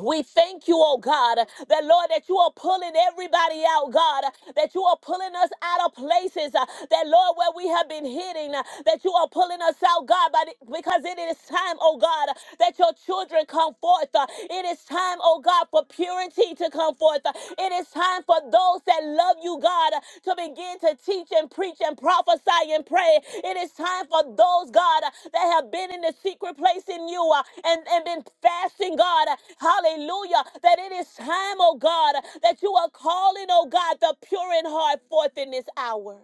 We thank you, oh God, that Lord, that you are pulling everybody out, God, that you are pulling us out of places, uh, that Lord, where we have been hidden, uh, that you are pulling us out, God, but it- because it is time, oh God, that your children come forth. uh, It is time, oh God, for purity to come forth. uh, It is time time for those that love you, God, to begin to teach and preach and prophesy and pray. It is time for those, God, that have been in the secret place in you uh, and, and been fasting, God. Hallelujah. That it is time, oh God, that you are calling, oh God, the pure in heart forth in this hour.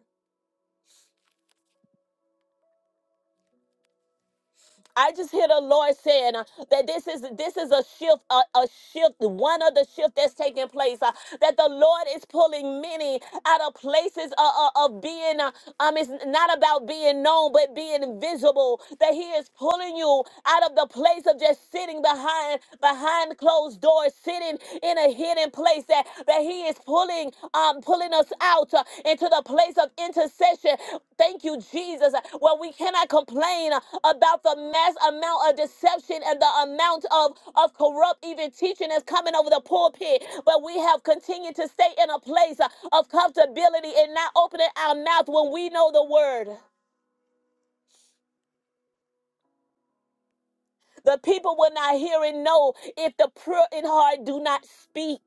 I just hear the Lord saying uh, that this is this is a shift, a, a shift, one of the shift that's taking place. uh, that the Lord is pulling many out of places uh, uh, of being. uh, um, it's not about being known, but being visible. That He is pulling you out of the place of just sitting behind behind closed doors, sitting in a hidden place that, that he is pulling um pulling us out uh, into the place of intercession thank you jesus uh, where we cannot complain uh, about the mass amount of deception and the amount of of corrupt even teaching that's coming over the pulpit but we have continued to stay in a place uh, of comfortability and not opening our mouth when we know the word the people will not hear and know if the pure in heart do not speak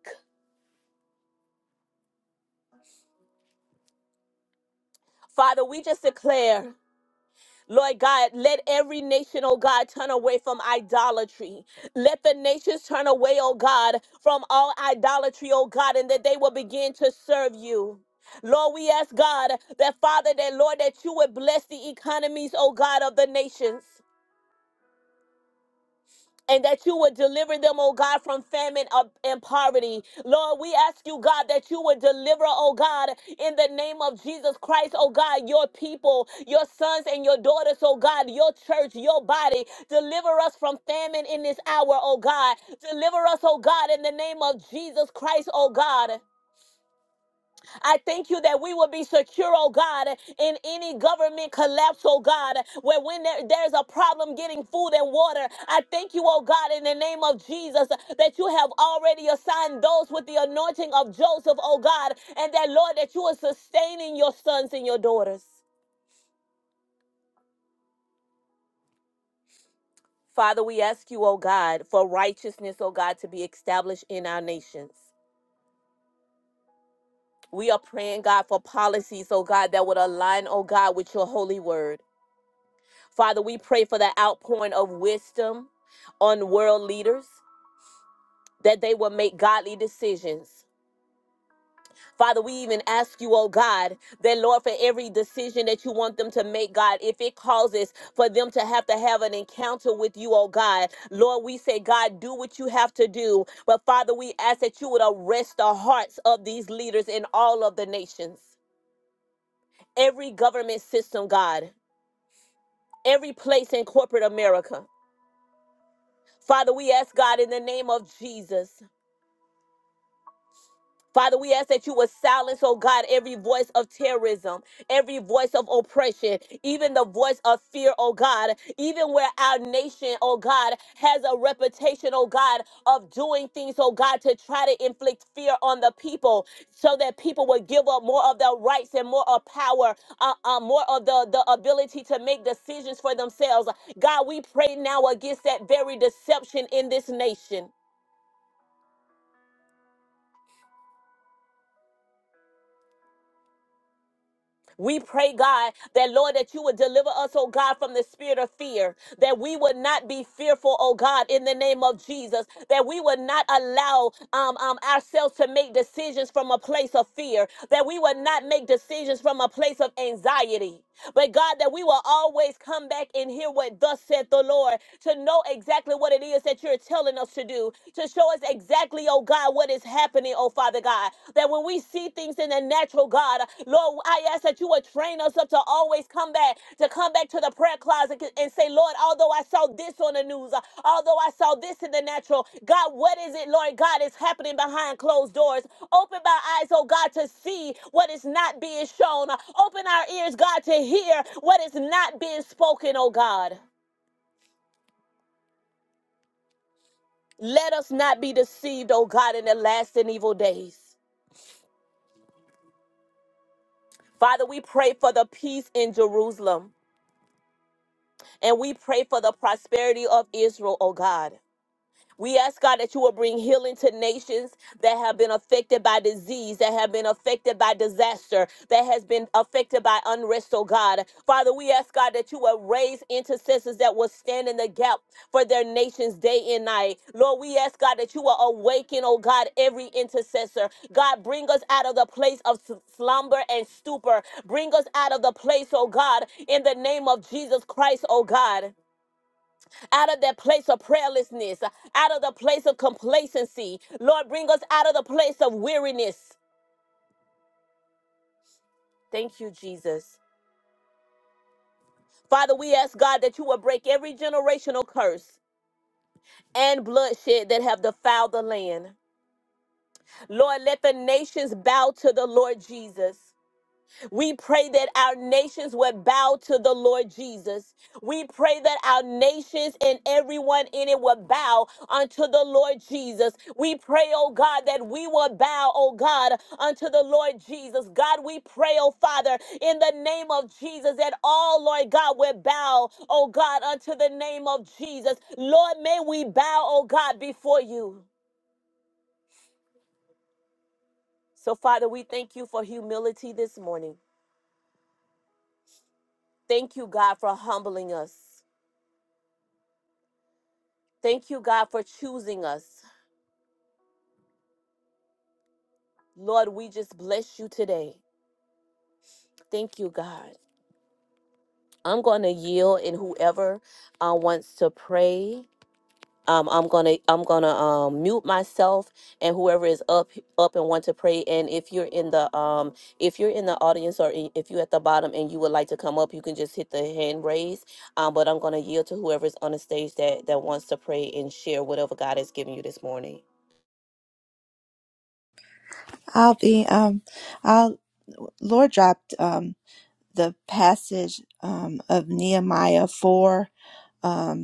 father we just declare Lord God, let every nation, oh God, turn away from idolatry. Let the nations turn away, oh God, from all idolatry, oh God, and that they will begin to serve you. Lord, we ask God that Father, that Lord, that you would bless the economies, oh God, of the nations and that you would deliver them, oh God, from famine of- and poverty. Lord, we ask you, God, that you would deliver, oh God, in the name of Jesus Christ, oh God, your people, your sons and your daughters, oh God, your church, your body. Deliver us from famine in this hour, oh God. Deliver us, oh God, in the name of Jesus Christ, oh God. I thank you that we will be secure, oh God, in any government collapse, oh God, where when there- there's a problem getting food and water, I thank you, oh God, in the name of Jesus, that you have already assigned those with the anointing of Joseph, oh God, and that, Lord, that you are sustaining your sons and your daughters. Father, we ask you, oh God, for righteousness, oh God, to be established in our nations. We are praying, God, for policies, oh God, that would align, oh God, with your holy word. Father, we pray for the outpouring of wisdom on world leaders that they will make godly decisions. Father, we even ask you, oh God, that Lord, for every decision that you want them to make, God, if it causes for them to have to have an encounter with you, oh God, Lord, we say, God, do what you have to do. But Father, we ask that you would arrest the hearts of these leaders in all of the nations, every government system, God, every place in corporate America. Father, we ask God in the name of Jesus. Father, we ask that you would silence, oh God, every voice of terrorism, every voice of oppression, even the voice of fear, oh God, even where our nation, oh God, has a reputation, oh God, of doing things, oh God, to try to inflict fear on the people so that people would give up more of their rights and more of power, uh, uh, more of the, the ability to make decisions for themselves. God, we pray now against that very deception in this nation. We pray, God, that Lord, that you would deliver us, oh God, from the spirit of fear, that we would not be fearful, oh God, in the name of Jesus, that we would not allow um, um, ourselves to make decisions from a place of fear, that we would not make decisions from a place of anxiety. But God, that we will always come back and hear what thus said the Lord, to know exactly what it is that you're telling us to do, to show us exactly, oh God, what is happening, oh Father God. That when we see things in the natural, God, Lord, I ask that you would train us up to always come back, to come back to the prayer closet and say, Lord, although I saw this on the news, uh, although I saw this in the natural, God, what is it, Lord God, is happening behind closed doors? Open my eyes, oh God, to see what is not being shown. Open our ears, God, to hear what is not being spoken, oh God. Let us not be deceived, oh God, in the last and evil days. Father, we pray for the peace in Jerusalem and we pray for the prosperity of Israel, oh God. We ask God that you will bring healing to nations that have been affected by disease, that have been affected by disaster, that has been affected by unrest, oh God. Father, we ask God that you will raise intercessors that will stand in the gap for their nations day and night. Lord, we ask God that you will awaken, oh God, every intercessor. God, bring us out of the place of s- slumber and stupor. Bring us out of the place, oh God, in the name of Jesus Christ, oh God out of that place of prayerlessness, out of the place of complacency. Lord, bring us out of the place of weariness. Thank you, Jesus. Father, we ask God that you will break every generational curse and bloodshed that have defiled the land. Lord, let the nations bow to the Lord Jesus. We pray that our nations would bow to the Lord Jesus. We pray that our nations and everyone in it would bow unto the Lord Jesus. We pray, oh God, that we will bow, oh God, unto the Lord Jesus. God, we pray, oh Father, in the name of Jesus, that all, Lord God, will bow, oh God, unto the name of Jesus. Lord, may we bow, oh God, before you. So, Father, we thank you for humility this morning. Thank you, God, for humbling us. Thank you, God, for choosing us. Lord, we just bless you today. Thank you, God. I'm gonna yield, and whoever uh, wants to pray, um, I'm gonna I'm gonna um, mute myself, and whoever is up up and want to pray. And if you're in the um, if you're in the audience or i- if you're at the bottom and you would like to come up, you can just hit the hand raise. Um, but I'm gonna yield to whoever's on the stage that that wants to pray and share whatever God has given you this morning.
I'll be um I'll Lord dropped um the passage um of Nehemiah four. Um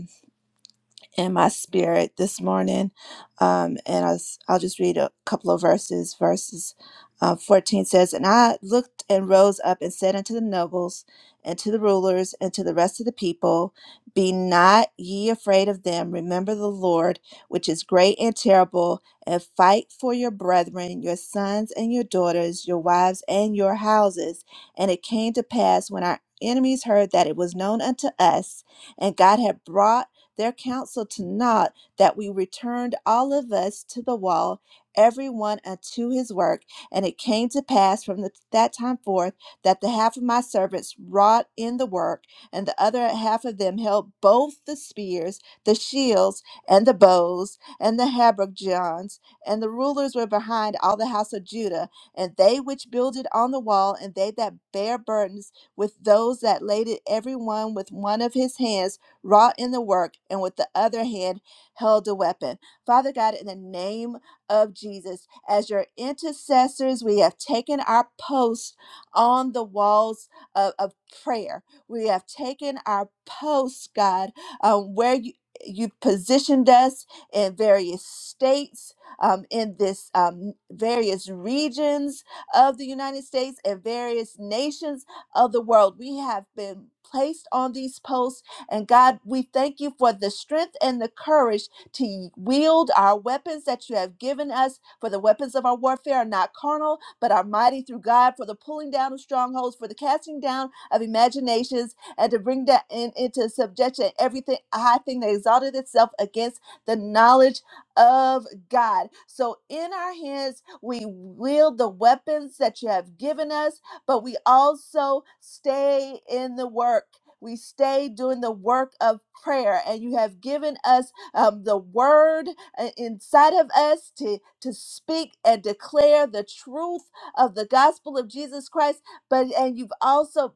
in my spirit this morning. Um, and I was, I'll just read a couple of verses. Verses uh, 14 says, And I looked and rose up and said unto the nobles and to the rulers and to the rest of the people, Be not ye afraid of them. Remember the Lord, which is great and terrible, and fight for your brethren, your sons and your daughters, your wives and your houses. And it came to pass when our enemies heard that it was known unto us, and God had brought their counsel to naught, that we returned all of us to the wall, every one unto his work. And it came to pass from the, that time forth that the half of my servants wrought in the work, and the other half of them held both the spears, the shields, and the bows, and the habergeons. And the rulers were behind all the house of Judah, and they which builded on the wall, and they that bare burdens with those that laid it every one with one of his hands wrought in the work, and with the other hand held a weapon. Father God, in the name of Jesus, as your intercessors, we have taken our post on the walls of, of prayer. We have taken our post, God, um, where you you positioned us in various states, um, in this um, various regions of the United States and various nations of the world. We have been placed on these posts and God, we thank you for the strength and the courage to wield our weapons that you have given us. For the weapons of our warfare are not carnal, but are mighty through God for the pulling down of strongholds, for the casting down of imaginations, and to bring that in, into subjection everything high thing that exalted itself against the knowledge of God. So in our hands, we wield the weapons that you have given us, but we also stay in the work. We stay doing the work of prayer, and you have given us um, the word uh, inside of us to, to speak and declare the truth of the gospel of Jesus Christ. But and you've also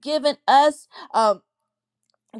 given us. um,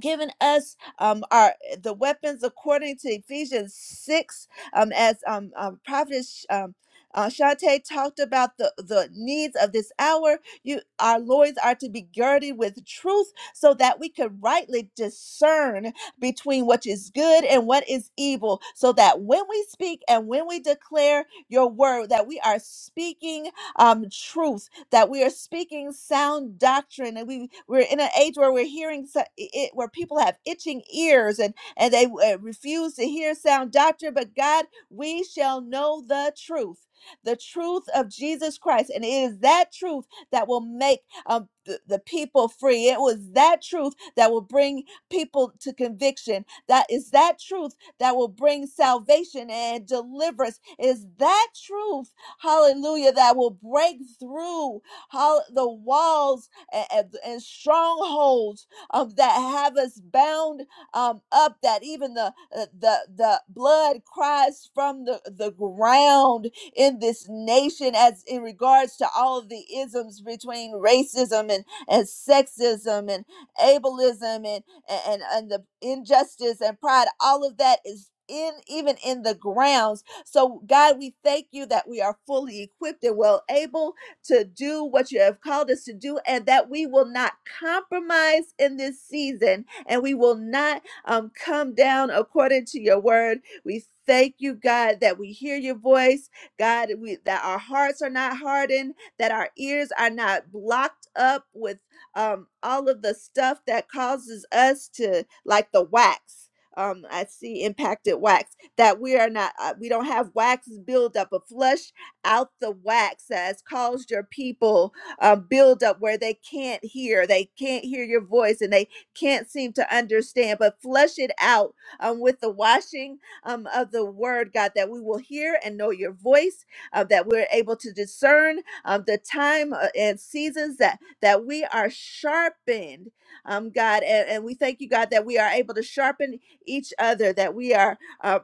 given us um, our the weapons according to Ephesians six, um, as um, um, Prophet Sh- um, uh, Shante talked about the the needs of this hour. You, our lords, are to be girded with truth, so that we could rightly discern between what is good and what is evil, so that when we speak and when we declare your word, that we are speaking um, truth that we are speaking sound doctrine and we we're in an age where we're hearing so- i- where people have itching ears and and they uh, refuse to hear sound doctrine but God we shall know the truth the truth of Jesus Christ and it is that truth that will make um, the, the people free it was that truth that will bring people to conviction that is that truth that will bring salvation and deliverance It is that truth hallelujah, that will break through how the walls and, and, and strongholds um, that have us bound um, up, that even the, uh, the, the blood cries from the, the ground in this nation as in regards to all of the isms between racism and, and sexism and ableism and, and, and the injustice and pride, all of that is in even in the ground so, God, we thank you that we are fully equipped and well able to do what you have called us to do, and that we will not compromise in this season and we will not um, come down according to your word. We thank you, God, that we hear your voice, God, we, that our hearts are not hardened, that our ears are not blocked up with um, all of the stuff that causes us to, like the wax. Um, I see impacted wax that we are not uh, we don't have wax buildup but flush out the wax that has caused your people uh, buildup where they can't hear they can't hear your voice and they can't seem to understand but flush it out um, with the washing um, of the word god that we will hear and know your voice uh, that we're able to discern um, the time uh, and seasons that that we are sharpened um, god and, and we thank you god that we are able to sharpen each other that we are uh,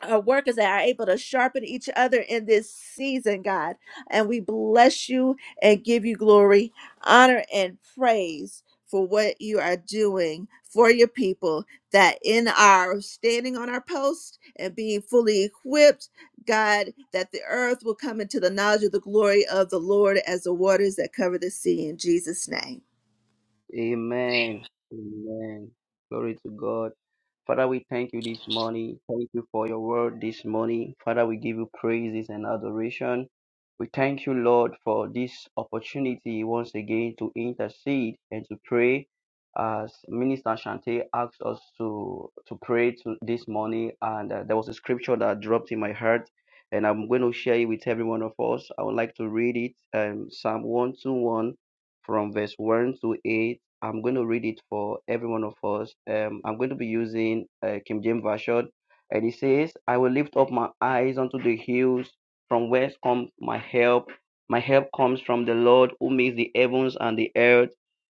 uh, workers that are able to sharpen each other in this season, God. And we bless you and give you glory, honor, and praise for what you are doing for your people. That in our standing on our post and being fully equipped, God, that the earth will come into the knowledge of the glory of the Lord as the waters that cover the sea. In Jesus' name.
Amen. Amen. Glory to God. Father, we thank you this morning. Thank you for your word this morning. Father, we give you praises and adoration. We thank you, Lord, for this opportunity once again to intercede and to pray. As Minister Shante asked us to, to pray to this morning, and uh, there was a scripture that dropped in my heart, and I'm going to share it with every one of us. I would like to read it um, Psalm 121 from verse 1 to 8 I'm going to read it for every one of us. Um, I'm going to be using uh, King James Version, and it says, "I will lift up my eyes unto the hills, from whence comes my help. My help comes from the Lord who makes the heavens and the earth.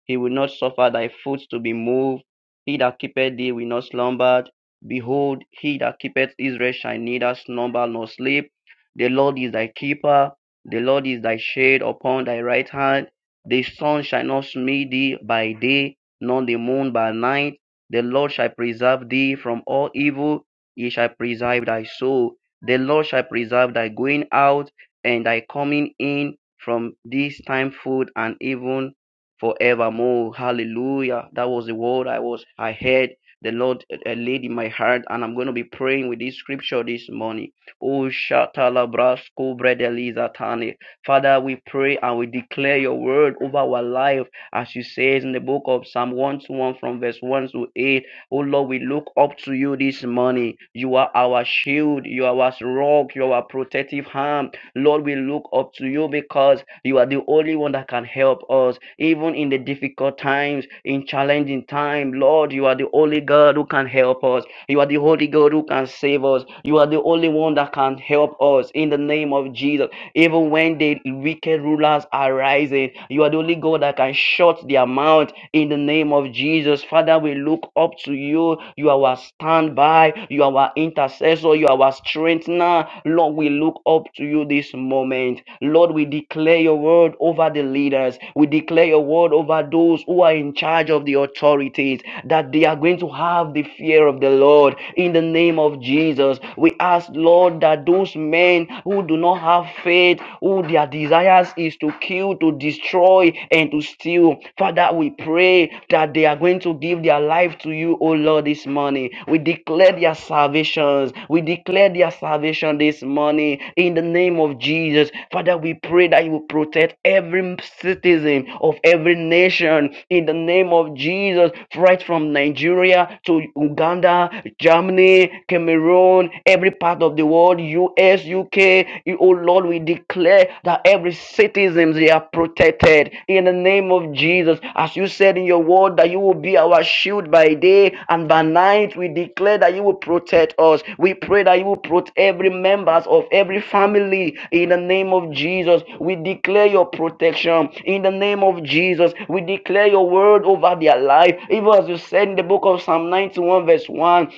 He will not suffer thy foot to be moved. He that keepeth thee will not slumber. Behold, he that keepeth Israel shall neither slumber nor sleep. The Lord is thy keeper. The Lord is thy shade upon thy right hand." The sun shall not smite thee by day, nor the moon by night. The Lord shall preserve thee from all evil. He shall preserve thy soul. The Lord shall preserve thy going out and thy coming in from this time forth and even forevermore. Hallelujah. That was the word I was I heard. The Lord uh, laid in my heart, and I'm going to be praying with this scripture this morning. Oh, Shatala Brasco Bredeliza Tane. Father, we pray and we declare your word over our life, as you says in the book of Psalm 121 from verse 1 to 8. Oh Lord, we look up to you this morning. You are our shield, you are our rock, you are our protective hand. Lord, we look up to you because you are the only one that can help us, even in the difficult times, in challenging time. Lord, you are the only God who can help us. You are the only God who can save us. You are the only one that can help us in the name of Jesus. Even when the wicked rulers are rising, you are the only God that can shut their mouth in the name of Jesus. Father, we look up to you. You are our stand stand by. You are our intercessor. You are our strengthener. Lord, we look up to you this moment. Lord, we declare your word over the leaders. We declare your word over those who are in charge of the authorities that they are going to have the fear of the Lord in the name of Jesus. We ask, Lord, that those men who do not have faith, who their desires is to kill, to destroy, and to steal, Father, we pray that they are going to give their life to you, O Lord, this morning. We declare their salvations. We declare their salvation this morning in the name of Jesus. Father, we pray that you will protect every citizen of every nation in the name of Jesus, right from Nigeria to Uganda, Germany, Cameroon, every part of the world, US, UK, Lord, we declare that every citizen they are protected in the name of Jesus. As you said in your word that you will be our shield by day and by night, we declare that you will protect us. We pray that you will protect every members of every family in the name of Jesus. We declare your protection in the name of Jesus. We declare your word over their life. Even as you said in the book of Psalm 91 verse 1,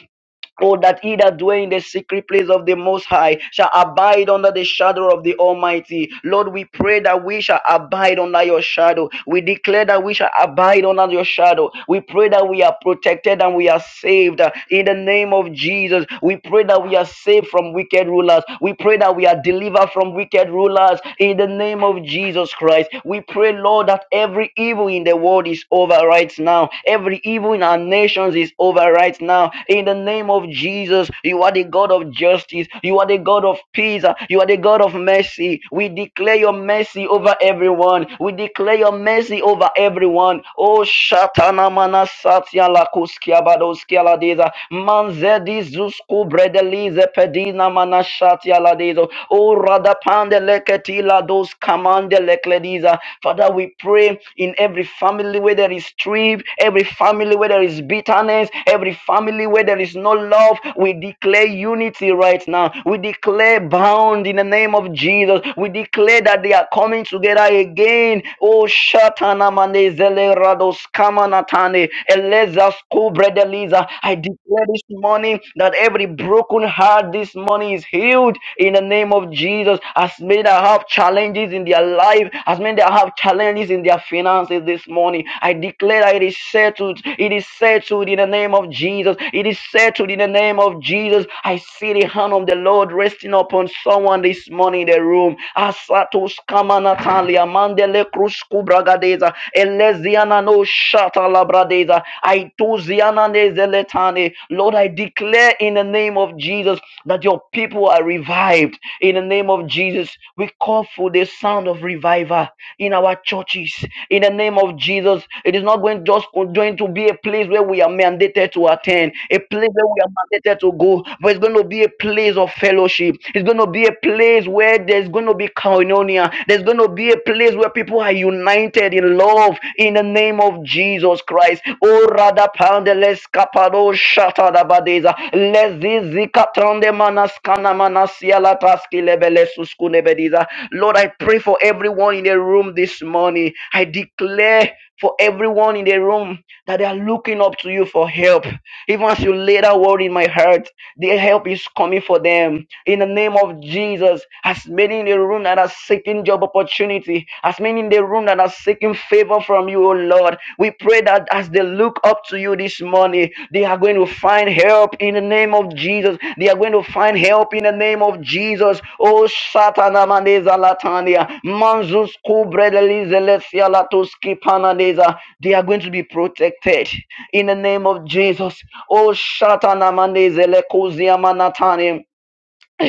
Oh, that he that dwell in the secret place of the Most High shall abide under the shadow of the Almighty. Lord, we pray that we shall abide under your shadow. We declare that we shall abide under your shadow. We pray that we are protected and we are saved uh, in the name of Jesus. We pray that we are saved from wicked rulers. We pray that we are delivered from wicked rulers in the name of Jesus Christ. We pray, Lord, that every evil in the world is over right now now. Every evil in our nations is over right now. In the name of Jesus, you are the God of justice. You are the God of peace. You are the God of mercy. We declare your mercy over everyone. We declare your mercy over everyone. Oh, Shatana mana satya la kuskia badoskia la deza. Manzedi zusku bredelize pedina mana shatya ladezo. Oh, Radapande leketi la dos Kamande Leklediza. Father, we pray in every family where there is strife, every family where there is bitterness, every family where there is no love. We declare unity right now. We declare bound in the name of Jesus. We declare that they are coming together again. Oh, Shatana Mane Zele Rados Kamanatane Eleza Skubredeliza. I declare this morning that every broken heart this morning is healed healed in the name of Jesus. As many that have challenges in their life, as many that have challenges in their finances this morning, I declare that it is settled. It is settled in the name of Jesus. It is settled in the name of Jesus. I see the hand of the Lord resting upon someone this morning in the room. Asatos kamanatalia mandele krusku bragadeza eleziana no shata labradeza aituziana nezeletane body. Lord, I declare in the name of Jesus that your people are revived. In the name of Jesus, we call for the sound of revival in our churches. In the name of Jesus, it is not going just going to be a place where we are mandated to attend, a place where we are mandated to go, but it's going to be a place of fellowship. It's going to be a place where there's going to be koinonia. There's going to be a place where people are united in love. In the name name of Jesus Christ. Oh, Radapandeles Capado Shatadabadeza. Lezizikatande Manaskana Manasialataski Lebelesuskunebediza. Lord, I pray for everyone in the room this morning. I declare for everyone in the room that they are looking up to you for help. Even as you lay that word in my heart, the help is coming for them. In the name of Jesus, as many in the room that are seeking expecting job opportunity, as many in the room that are seeking favor from you, oh Lord, we pray that as they look up to you this morning, they are going to find help in the name of Jesus. They are going to find help in the name of Jesus. Oh, Shatana maneza Latania, Manzus Kubredelizelezia Latuski Panadeza. They are going to be protected in the name of Jesus. Oh, Shatana manezele Satanamanezele Kuziamanatani.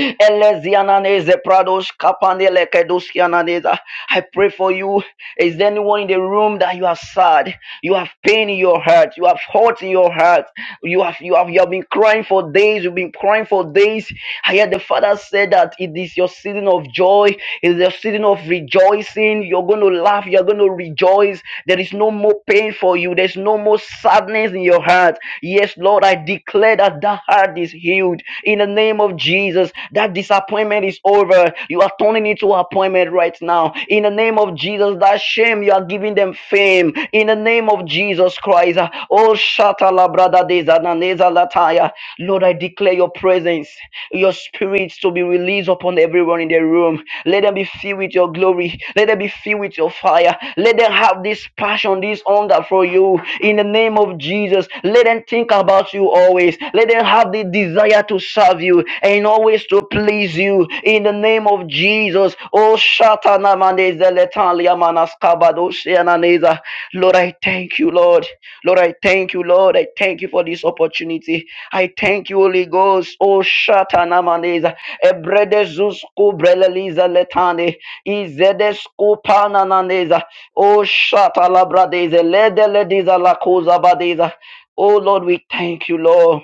Eleziananeze pradosh kapanele kedoskiananeza. I pray for you. Is there anyone in the room that you are sad? You have pain in your heart. You have hurt in your heart. You have you have you have been crying for days. You've been crying for days. I heard the father said that it is your season of joy. It is your season of rejoicing. You're going to laugh. You're going to rejoice. There is no more pain for you. There's no more sadness in your heart. Yes, Lord. Lord, I declare that that heart is healed in the name of Jesus. That disappointment is over. You are turning into an appointment right now. In the name of Jesus, that shame, you are giving them fame. In the name of Jesus Christ. Oh, Shata la brada de zananeza lataya. Lord, I declare your presence, your spirits to be released upon everyone in the room. Let them be filled with your glory. Let them be filled with your fire. Let them have this passion compassion this hunger for you in the name of Jesus. Let them think about you always. Let them have the desire to serve you and always to please you in the name of Jesus. Oh, Shatana Maneza Letalia Manaskabado Shiananeza. Lord, I thank you, Lord. Lord, I thank you, Lord. I thank you for this opportunity. I thank you, Holy Ghost. Oh, Shatana Maneza. Ebrede Zusku Breleliza Letane. Izede Skupanananeza. Oh, Shatalabradeza, Ledeledeza, Lakozabadeza. Oh, Lord, we thank you, Lord.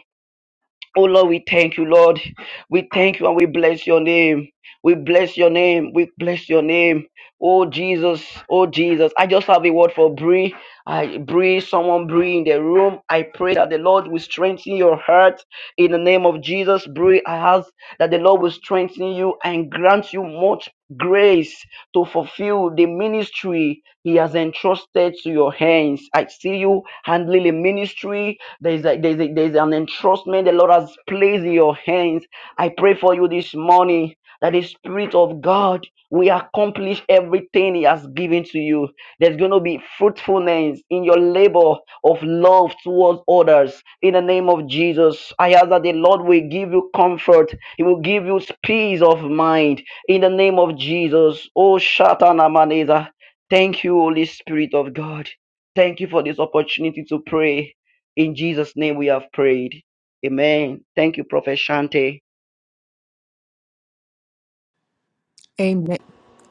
Oh, Lord, we thank you, Lord. We thank you and we bless your name. We bless your name. We bless your name. Oh, Jesus. Oh, Jesus. I just have a word for Bree. I Bree, someone Bree in the room. I pray that the Lord will strengthen your heart in the name of Jesus. Bree, I have that the Lord will strengthen you and grant you much grace to fulfill the ministry He has entrusted to your hands. I see you handling a ministry. There's, a, there's, a, there's an entrustment the Lord has placed in your hands. I pray for you this morning that the Spirit of God will accomplish everything He has given to you. There's going to be fruitfulness in your labor of love towards others. In the name of Jesus, I ask that the Lord will give you comfort he will give you peace of mind in the name of Jesus. Oh, Shatanamaneza. Thank you, Holy Spirit of God. Thank you for this opportunity to pray. In Jesus' name we have prayed. Amen. Thank you, Prophet Shante.
Amen.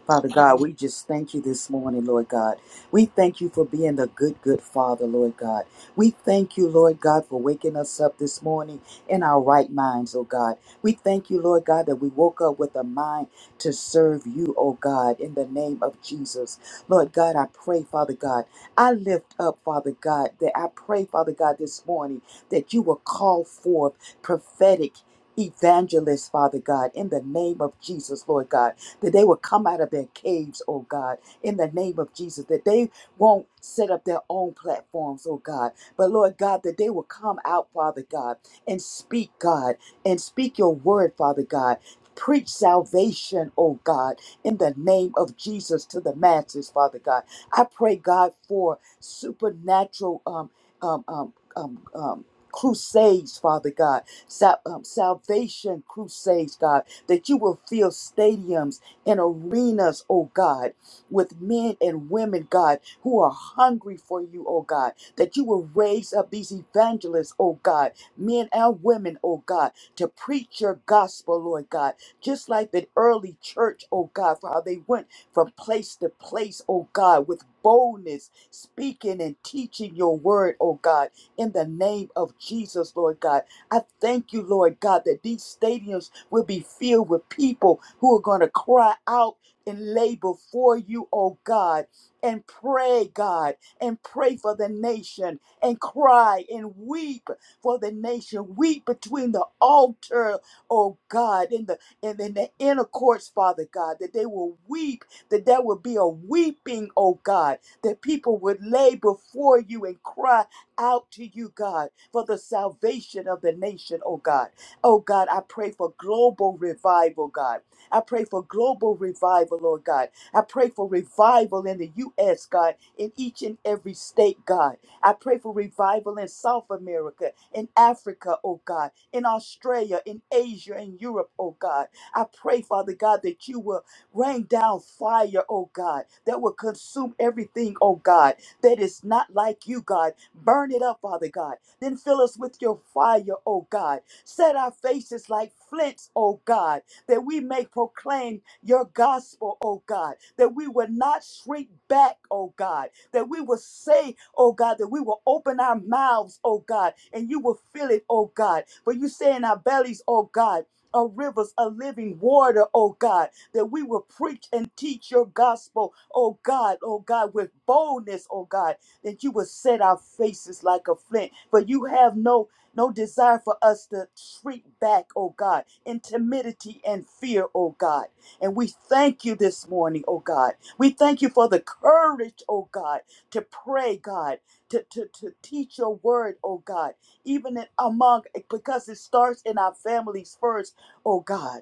Father God, we just thank you this morning, Lord God. We thank you for being the good, good Father, Lord God. We thank you, Lord God, for waking us up this morning in our right minds, oh God. We thank you, Lord God, that we woke up with a mind to serve you, oh God, in the name of Jesus. Lord God, I pray, Father God, I lift up, Father God, that I pray, Father God, this morning that you will call forth prophetic evangelists, Father God, in the name of Jesus, Lord God that they will come out of their caves, oh God, in the name of Jesus, that they won't set up their own platforms, oh God, but Lord God, that they will come out, Father God, and speak, God, and speak your word, Father God. Preach salvation, oh God, in the name of Jesus to the masses, Father God. I pray, God, for supernatural um, um, um, um, um, crusades, Father God, sal- um, salvation crusades, God, that you will fill stadiums in arenas, oh God, with men and women, God, who are hungry for you, oh God, that you will raise up these evangelists, oh God, men and women, oh God, to preach your gospel, Lord God, just like the early church, oh God, for how they went from place to place, oh God, with boldness, speaking and teaching your word, oh God, in the name of Jesus, Lord God. I thank you, Lord God, that these stadiums will be filled with people who are going to cry out and lay before you, oh God, and pray, God, and pray for the nation, and cry and weep for the nation. Weep between the altar, oh God, in the and in the inner courts, Father God, that they will weep, that there will be a weeping, oh God, that people would lay before you and cry out to you, God, for the salvation of the nation, oh God. Oh God, I pray for global revival, God. I pray for global revival, Lord God. I pray for revival in the U.S., God, in each and every state, God. I pray for revival in South America, in Africa, oh God, in Australia, in Asia, in Europe, oh God. I pray, Father God, that you will rain down fire, oh God, that will consume everything, oh God that is not like you, God. Burn it up, Father God. Then fill us with your fire, oh God. Set our faces like flints, oh God, that we may proclaim your gospel, oh God, that we will not shrink back, oh God, that we will say, oh God, that we will open our mouths, oh God, and you will fill it, oh God. For you say in our bellies, oh God, are rivers of living water, oh God that we will preach and teach your gospel, oh God, oh God, with boldness, oh God, that you will set our faces like a flint. For you have no no desire for us to shrink back, oh God, in timidity and fear, oh God. And we thank you this morning, oh God. We thank you for the courage, oh God, to pray, God, to, to, to teach your word, oh God, even in, among, because it starts in our families first, oh God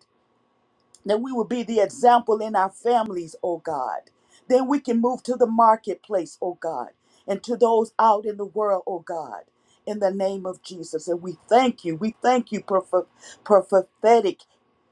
that we will be the example in our families, oh God. Then we can move to the marketplace, oh God, and to those out in the world, oh God, in the name of Jesus. And we thank you. We thank you, proph- prophetic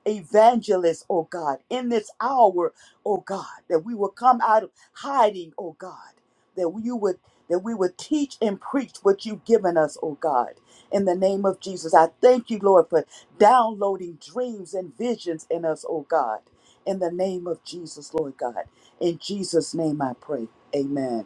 evangelist, oh God, in this hour, oh God, that we will come out of hiding, oh God, that you would that we would teach and preach what you've given us, oh God, in the name of Jesus. I thank you, Lord, for downloading dreams and visions in us, oh God. In the name of Jesus, Lord God. In Jesus' name I pray. Amen.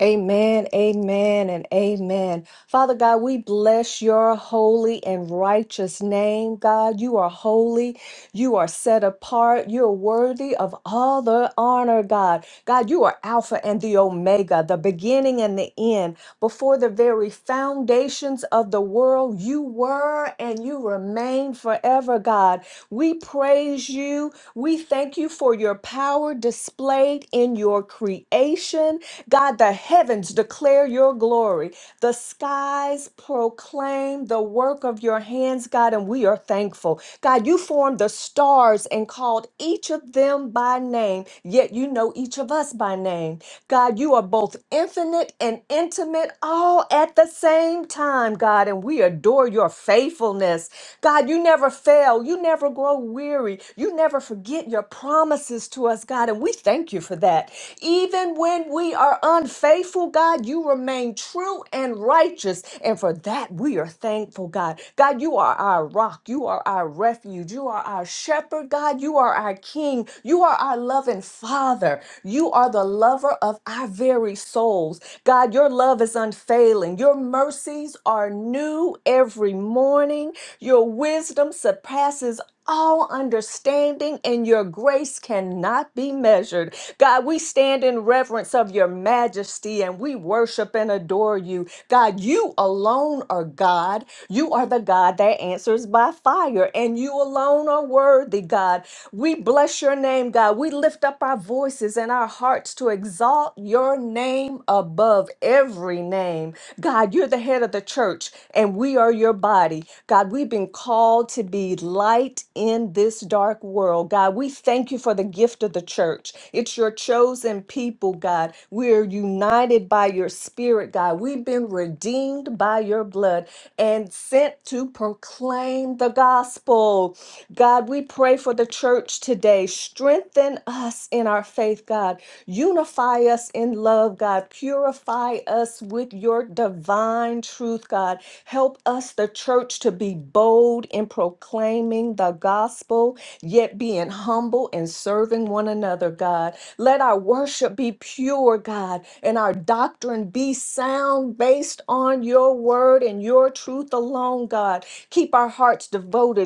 Amen, amen, and amen. Father God, we bless your holy and righteous name. God, you are holy. You are set apart. You're worthy of all the honor, God. God, you are Alpha and the Omega, the beginning and the end. Before the very foundations of the world, you were and you remain forever, God. We praise you. We thank you for your power displayed in your creation. God, the heavens declare your glory, the skies proclaim the work of your hands, God, and we are thankful. God, you formed the stars and called each of them by name, yet you know each of us by name. God, you are both infinite and intimate all at the same time, God, and we adore your faithfulness. God, you never fail. You never grow weary. You never forget your promises to us, God, and we thank you for that. Even when we are unfaithful, God, you remain true and righteous. and and for that, we are thankful, God. God, you are our rock. You are our refuge. You are our shepherd, God. You are our king. You are our loving father. You are the lover of our very souls. God, your love is unfailing. Your mercies are new every morning. Your wisdom surpasses all understanding, and your grace cannot be measured. God, we stand in reverence of your majesty and we worship and adore you. God, you alone are God. You are the God that answers by fire, and you alone are worthy, God. We bless your name, God. We lift up our voices and our hearts to exalt your name above every name. God, you're the head of the church and we are your body. God, we've been called to be light in this dark world. God, we thank you for the gift of the church. It's your chosen people, God. We are united by your spirit, God. We've been redeemed by your blood and sent to proclaim the gospel. God, we pray for the church today. Strengthen us in our faith, God. Unify us in love, God. Purify us with your divine truth, God. Help us, the church, to be bold in proclaiming the gospel, yet being humble and serving one another, God. Let our worship be pure, God, and our doctrine be sound based on your word and your truth alone, God. Keep our hearts devoted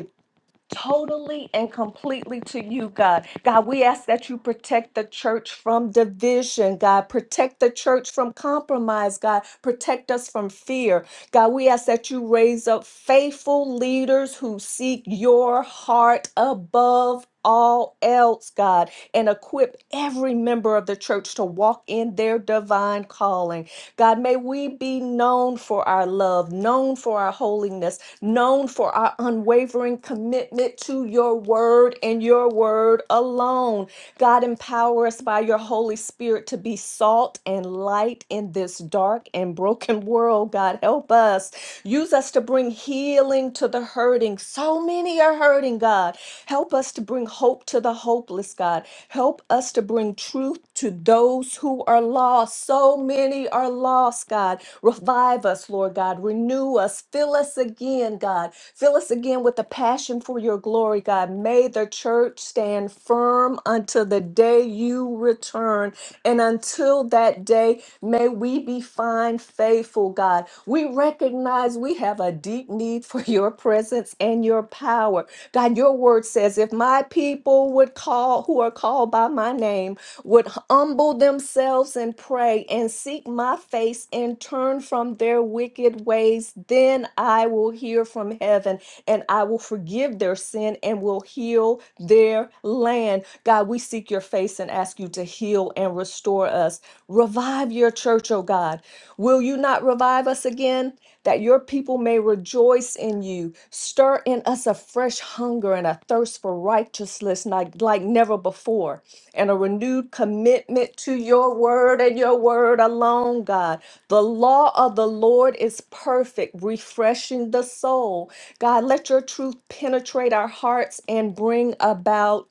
totally and completely to you, God. God, we ask that you protect the church from division, God. Protect the church from compromise, God. Protect us from fear. God, we ask that you raise up faithful leaders who seek your heart above. All else, God, and equip every member of the church to walk in their divine calling. God, may we be known for our love, known for our holiness, known for our unwavering commitment to your word and your word alone. God, empower us by your Holy Spirit to be salt and light in this dark and broken world. God, help us. Use us to bring healing to the hurting. So many are hurting, God. Help us to bring hope to the hopeless, God. Help us to bring truth to those who are lost. So many are lost, God. Revive us, Lord God. Renew us. Fill us again, God. Fill us again with the passion for your glory, God. May the church stand firm until the day you return. And until that day, May we be fine, faithful, God. We recognize we have a deep need for your presence and your power. God, your word says, if my people would call, who are called by my name, would humble themselves and pray and seek my face and turn from their wicked ways, then I will hear from heaven and I will forgive their sin and will heal their land. God, we seek your face and ask you to heal and restore us. Revive your church, O God. Will you not revive us again? That your people may rejoice in you. Stir in us a fresh hunger and a thirst for righteousness like, like never before, and a renewed commitment to your word and your word alone, God. The law of the Lord is perfect, refreshing the soul. God, let your truth penetrate our hearts and bring about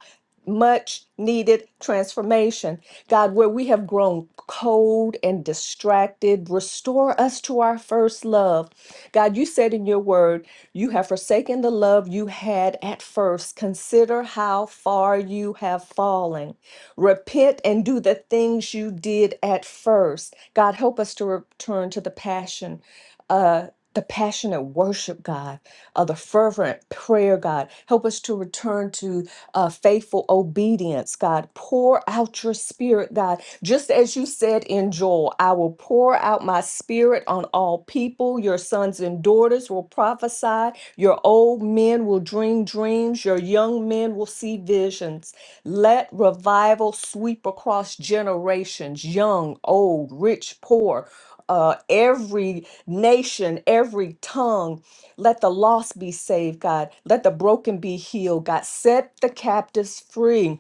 much needed transformation. God, where we have grown cold and distracted, restore us to our first love. God, you said in your word, you have forsaken the love you had at first. Consider how far you have fallen. Repent and do the things you did at first. God, help us to return to the passion. Uh, the passionate worship, God, uh, the fervent prayer, God. Help us to return to uh, faithful obedience, God. Pour out your spirit, God. Just as you said in Joel, I will pour out my spirit on all people. Your sons and daughters will prophesy. Your old men will dream dreams. Your young men will see visions. Let revival sweep across generations, young, old, rich, poor, uh, every nation, every tongue. Let the lost be saved, God. Let the broken be healed, God. Set the captives free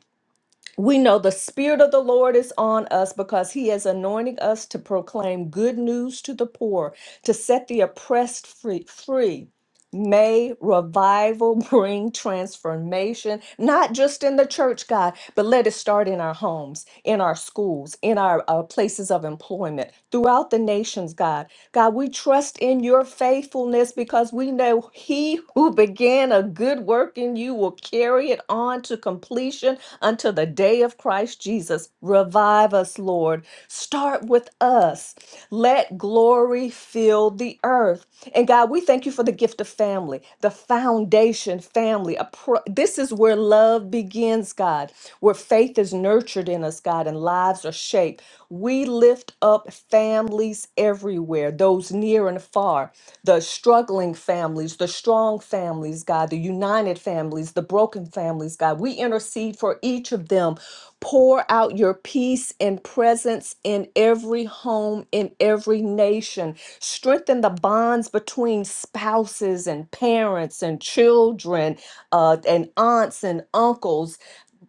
we know the Spirit of the Lord is on us because He is anointing us to proclaim good news to the poor, to set the oppressed free. free. May revival bring transformation, not just in the church, God, but let it start in our homes, in our schools, in our uh, places of employment, throughout the nations, God. God, we trust in your faithfulness because we know He who began a good work in you will carry it on to completion until the day of Christ Jesus. Revive us, Lord. Start with us. Let glory fill the earth. And God, we thank you for the gift of family, the foundation family. A pro- this is where love begins, God, where faith is nurtured in us, God, and lives are shaped. We lift up families everywhere, those near and far the struggling families, the strong families, God, the united families, the broken families, God. We intercede for each of them. Pour out your peace and presence in every home, in every nation. Strengthen the bonds between spouses and parents and children uh, and aunts and uncles.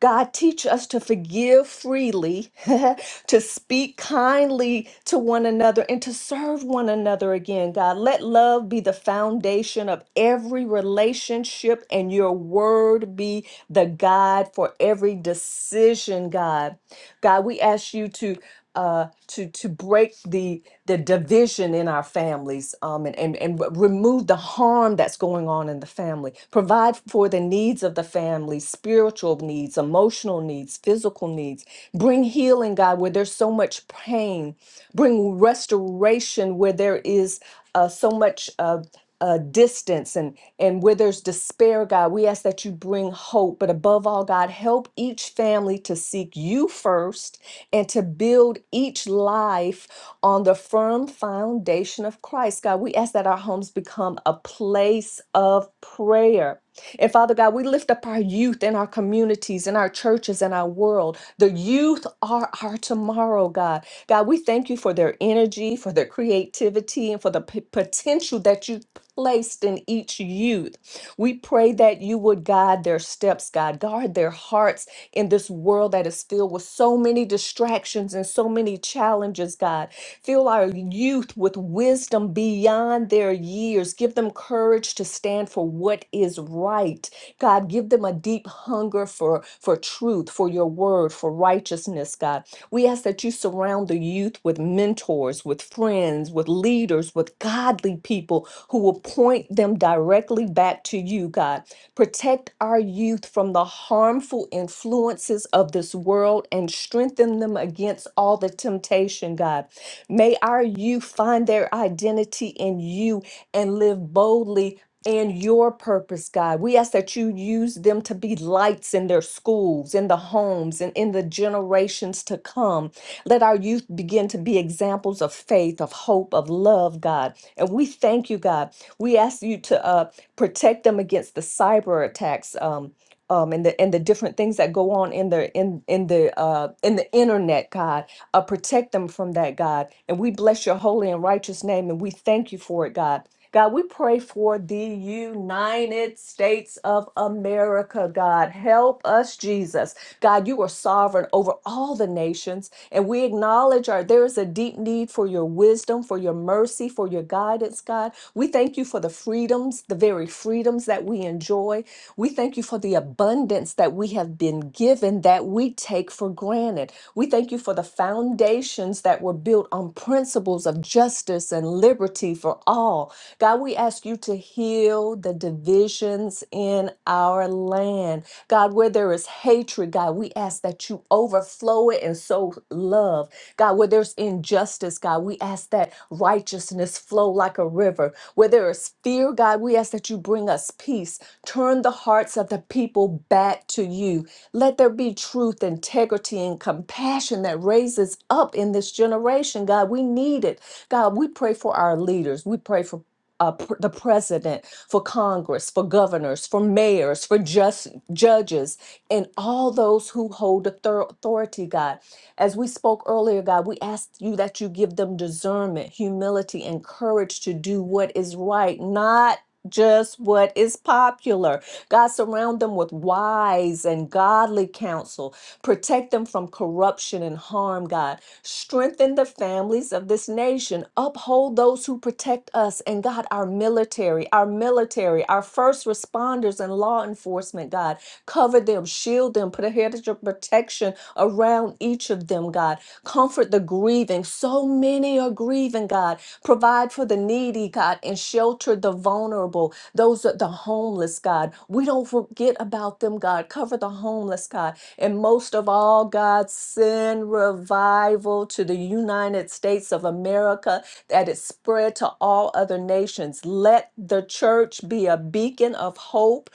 God, teach us to forgive freely, to speak kindly to one another, and to serve one another again, God. Let love be the foundation of every relationship, and your word be the guide for every decision, God. God, we ask you to uh, to to break the the division in our families um, and, and and remove the harm that's going on in the family. Provide for the needs of the family, spiritual needs, emotional needs, physical needs. Bring healing, God, where there's so much pain. Bring restoration where there is uh, so much. Uh, uh, distance and and where there's despair, God, we ask that you bring hope. But above all, God, help each family to seek you first and to build each life on the firm foundation of Christ. God, we ask that our homes become a place of prayer. And Father God, we lift up our youth in our communities, in our churches, in our world. The youth are our tomorrow, God. God, we thank you for their energy, for their creativity, and for the p- potential that you placed in each youth. We pray that you would guide their steps, God, guard their hearts in this world that is filled with so many distractions and so many challenges, God. Fill our youth with wisdom beyond their years. Give them courage to stand for what is right. God, give them a deep hunger for, for truth, for your word, for righteousness, God. We ask that you surround the youth with mentors, with friends, with leaders, with godly people who will point them directly back to you, God. Protect our youth from the harmful influences of this world and strengthen them against all the temptation, God. May our youth find their identity in you and live boldly in your purpose, God. We ask that you use them to be lights in their schools, in the homes, and in the generations to come. Let our youth begin to be examples of faith, of hope, of love, God. And we thank you, God. We ask you to uh, protect them against the cyber attacks. Um, um, and the and the different things that go on in the in in the uh, in the internet, God, uh, protect them from that, God. And we bless your holy and righteous name and we thank you for it, God. God, we pray for the United States of America, God. Help us, Jesus. God, you are sovereign over all the nations, and we acknowledge our there is a deep need for your wisdom, for your mercy, for your guidance, God. We thank you for the freedoms, the very freedoms that we enjoy. We thank you for the abundance that we have been given that we take for granted. We thank you for the foundations that were built on principles of justice and liberty for all. God, we ask you to heal the divisions in our land. God, where there is hatred, God, we ask that you overflow it and sow love. God, where there's injustice, God, we ask that righteousness flow like a river. Where there is fear, God, we ask that you bring us peace. Turn the hearts of the people back to you. Let there be truth, integrity, and compassion that raises up in this generation, God. We need it. God, we pray for our leaders. We pray for uh, pr- the president, for Congress, for governors, for mayors, for just judges, and all those who hold author- authority, God. As we spoke earlier, God, we ask you that you give them discernment, humility, and courage to do what is right, not just what is popular. God, surround them with wise and godly counsel. Protect them from corruption and harm, God. Strengthen the families of this nation. Uphold those who protect us and, God, our military, our military, our first responders and law enforcement, God. Cover them, shield them, put a hedge of protection around each of them, God. Comfort the grieving. So many are grieving, God. Provide for the needy, God, and shelter the vulnerable, those that the homeless, God. We don't forget about them, God. Cover the homeless, God. And most of all, God, send revival to the United States of America that it spread to all other nations. Let the church be a beacon of hope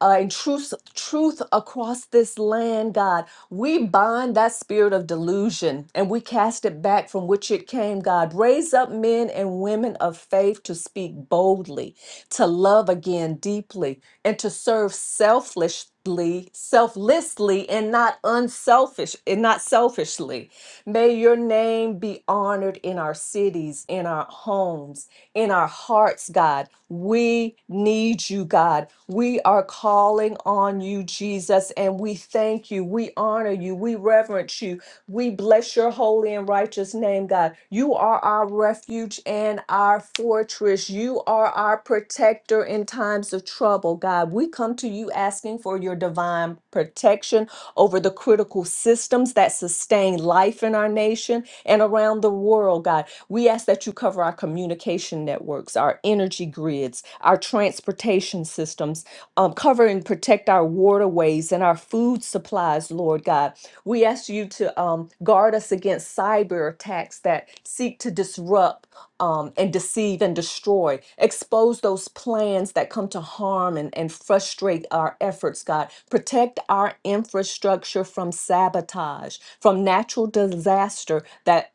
uh, and truth, truth across this land, God. We bind that spirit of delusion and we cast it back from which it came, God. Raise up men and women of faith to speak boldly, to love again deeply, and to serve selflessly, selflessly, and not unselfish, and not selfishly. May your name be honored in our cities, in our homes in our hearts, God. We need you, God. We are calling on you, Jesus, and we thank you. We honor you. We reverence you. We bless your holy and righteous name, God. You are our refuge and our fortress. You are our protector in times of trouble, God. We come to you asking for your divine protection over the critical systems that sustain life in our nation and around the world, God. We ask that you cover our communication networks, our energy grids, our transportation systems, um, cover and protect our waterways and our food supplies, Lord God. We ask you to um, guard us against cyber attacks that seek to disrupt um, and deceive and destroy. Expose those plans that come to harm and, and frustrate our efforts, God. Protect our infrastructure from sabotage, from natural disaster that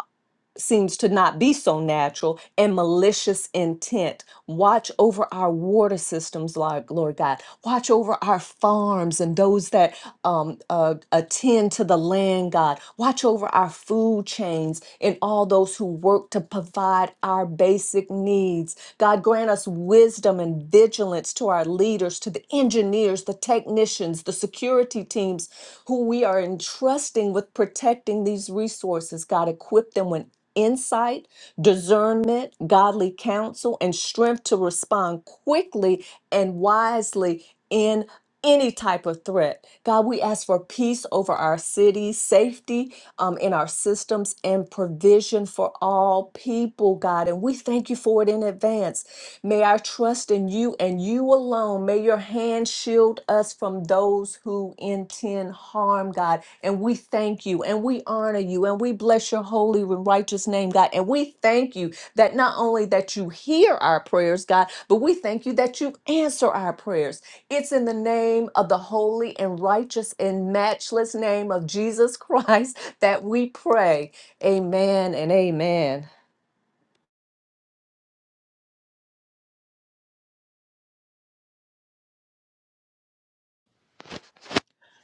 seems to not be so natural and malicious intent. Watch over our water systems, Lord, Lord God. Watch over our farms and those that um, uh, attend to the land, God. Watch over our food chains and all those who work to provide our basic needs. God, grant us wisdom and vigilance to our leaders, to the engineers, the technicians, the security teams who we are entrusting with protecting these resources. God, equip them when insight, discernment, godly counsel, and strength to respond quickly and wisely in any type of threat. God, we ask for peace over our city, safety um, in our systems, and provision for all people, God. And we thank you for it in advance. May I trust in you and you alone. May your hand shield us from those who intend harm, God. And we thank you and we honor you and we bless your holy and righteous name, God. And we thank you that not only that you hear our prayers, God, but we thank you that you answer our prayers. It's in the name of the holy and righteous and matchless name of Jesus Christ that we pray. Amen and amen.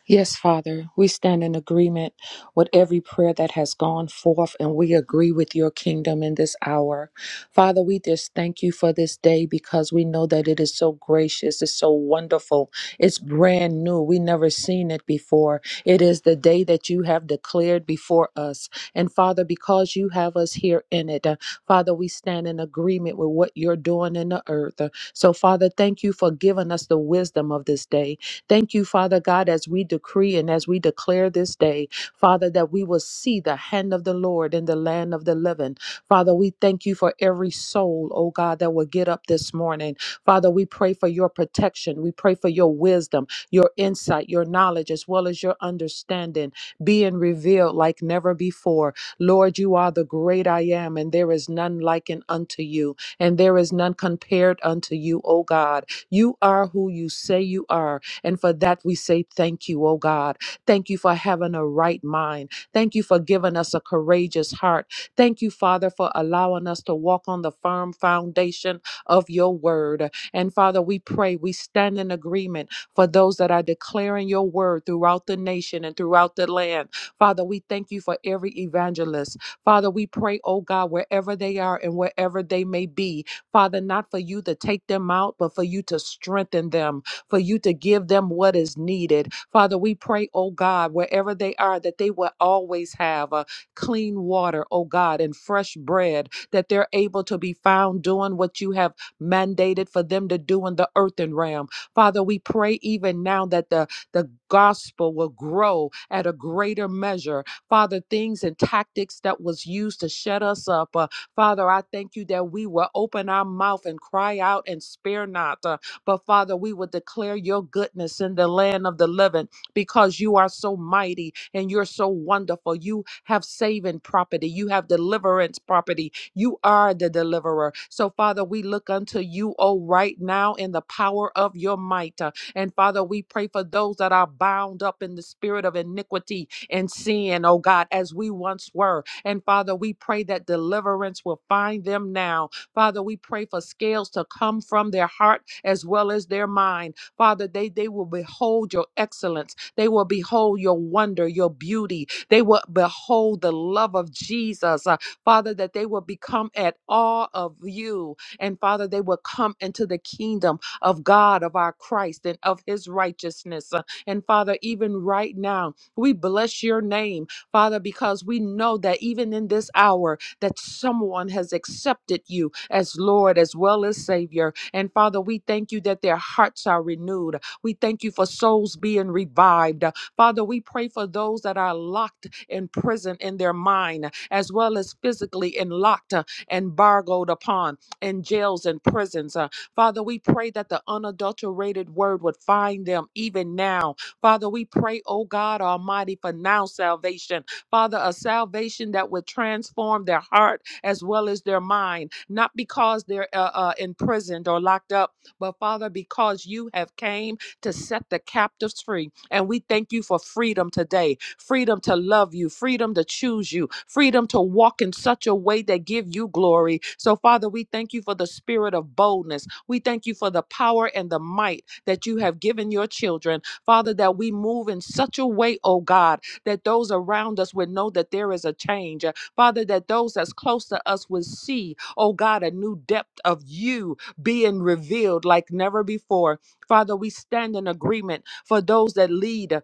Yes, Father, we stand in agreement with every prayer that has gone forth, and we agree with your kingdom in this hour. Father, we just thank you for this day because we know that it is so gracious, it's so wonderful, it's brand new. We never seen it before. It is the day that you have declared before us. And Father, because you have us here in it, uh, Father, we stand in agreement with what you're doing in the earth. Uh, So, Father, thank you for giving us the wisdom of this day. Thank you, Father God, as we decree and as we declare this day, Father, that we will see the hand of the Lord in the land of the living. Father, we thank you for every soul, oh God, that will get up this morning. Father, we pray for your protection. We pray for your wisdom, your insight, your knowledge, as well as your understanding being revealed like never before. Lord, you are the great I am, and there is none likened unto you, and there is none compared unto you, O God. You are who you say you are. And for that, we say thank you, oh God. Thank you for having a right mind. Thank you for giving us a courageous heart. Thank you, Father, for allowing us to walk on the firm foundation of your word. And Father, we pray, we stand in agreement for those that are declaring your word throughout the nation and throughout the land. Father, we thank you for every evangelist. Father, we pray, oh God, wherever they are and wherever they may be, Father, not for you to take them out, but for you to strengthen them for you to give them what is needed. Father, we pray, oh God, wherever they are, that they will always have uh, clean water, oh God, and fresh bread, that they're able to be found doing what you have mandated for them to do in the earthen realm. Father, we pray even now that the, the gospel will grow at a greater measure. Father, things and tactics that was used to shut us up. uh, Father, I thank you that we will open our mouth and cry out and spare not. uh, but Father, we will declare your goodness in the land of the living because you are so mighty and you're so wonderful. You have saving property, you have deliverance property. You are the deliverer. So, Father, we look unto you, oh, right now in the power of your might. Uh, And Father, we pray for those that are bound up in the spirit of iniquity and sin, oh God, as we once were. And Father, we pray that deliverance will find them now Father, we pray for scales to come from their heart as well as their mind. Father, they, they will behold your excellence. They will behold your wonder, your beauty. They will behold the love of Jesus. Uh, Father, that they will become at awe of you. And Father, they will come into the kingdom of God, of our Christ, and of his righteousness. Uh, and Father, even right now, we bless your name, Father, because we know that even in this hour, that someone has accepted you as Lord as well as Savior. And Father, we thank you that their hearts are renewed. We thank you for souls being revived. Father, we pray for those that are locked in prison in their mind, as well as physically and locked uh, and bargoed upon in jails and prisons. Uh, Father, we pray that the unadulterated word would find them even now. Father, we pray, oh God Almighty, for now salvation Father, a salvation that would transform their heart as well as their mind, not because they're uh, uh, imprisoned or locked up, but Father, because you have came to set the captives free. And we thank you for freedom today, freedom to love you, freedom to choose you, freedom to walk in such a way that give you glory. So Father, we thank you for the spirit of boldness. We thank you for the power and the might that you have given your children. Father, that we move in such a way, oh God, that those around us would know that there is a change. Uh, Father, that those that's close to us would see, oh God, a new depth of you being revealed like never before. Father, we stand in agreement for those that lead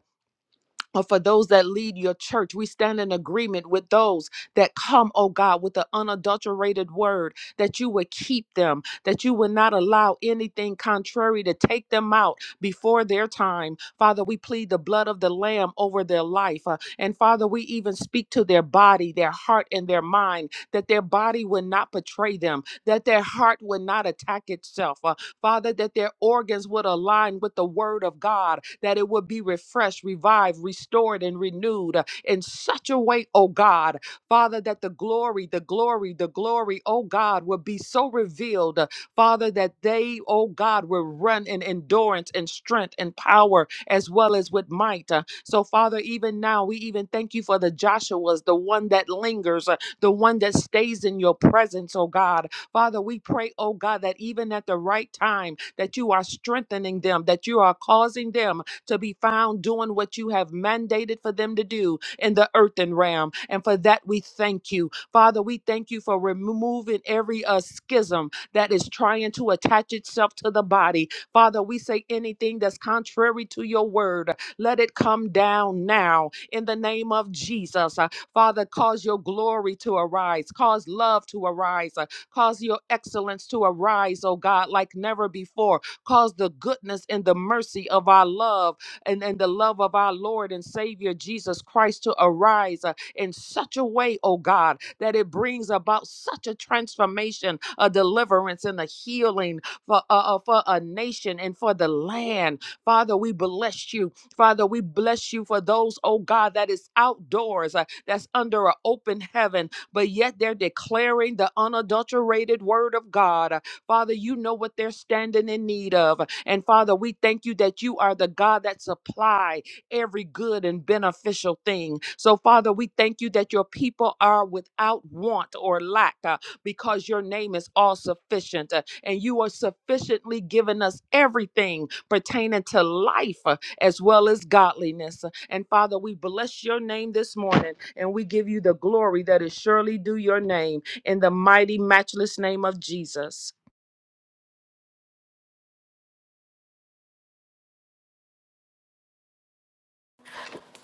or for those that lead your church. We stand in agreement with those that come, oh God, with the unadulterated word, that you would keep them, that you would not allow anything contrary to take them out before their time. Father, we plead the blood of the Lamb over their life. uh, and Father, we even speak to their body, their heart, and their mind, that their body would not betray them, that their heart would not attack itself, uh, Father, that their organs would align with the word of God, that it would be refreshed, revived, restored, and renewed uh, in such a way, oh God, Father, that the glory, the glory, the glory, oh God, would be so revealed, uh, Father, that they, oh God, will run in endurance and strength and power as well as with might. Uh, So, Father, even now, we even thank you for the Joshua's, the one that lingers, uh, the one that stays in your presence, oh God, Father, we pray, oh God, that even at the right time, that you are strengthening them, that you are causing them to be found doing what you have mandated for them to do in the earthen realm. And for that, we thank you. Father, we thank you for removing every uh, schism that is trying to attach itself to the body. Father, we say anything that's contrary to your word, let it come down now in the name of Jesus. Uh, Father, cause your glory to arise, cause love to arise, Cause your excellence to arise, oh God, like never before. Cause the goodness and the mercy of our love and, and the love of our Lord and Savior Jesus Christ to arise uh, in such a way, oh God, that it brings about such a transformation, a deliverance, and a healing for, uh, uh, for a nation and for the land. Father, we bless you. Father, we bless you for those, oh God, that is outdoors, uh, that's under an open heaven, but yet they're declaring the unadulterated word of God. Father, you know what they're standing in need of. And Father, we thank you that you are the God that supply every good and beneficial thing. So Father, we thank you that your people are without want or lack uh, because your name is all sufficient uh, and you are sufficiently giving us everything pertaining to life uh, as well as godliness. And Father, we bless your name this morning and we give you the glory that is surely due your name in the mighty, matchless name of Jesus.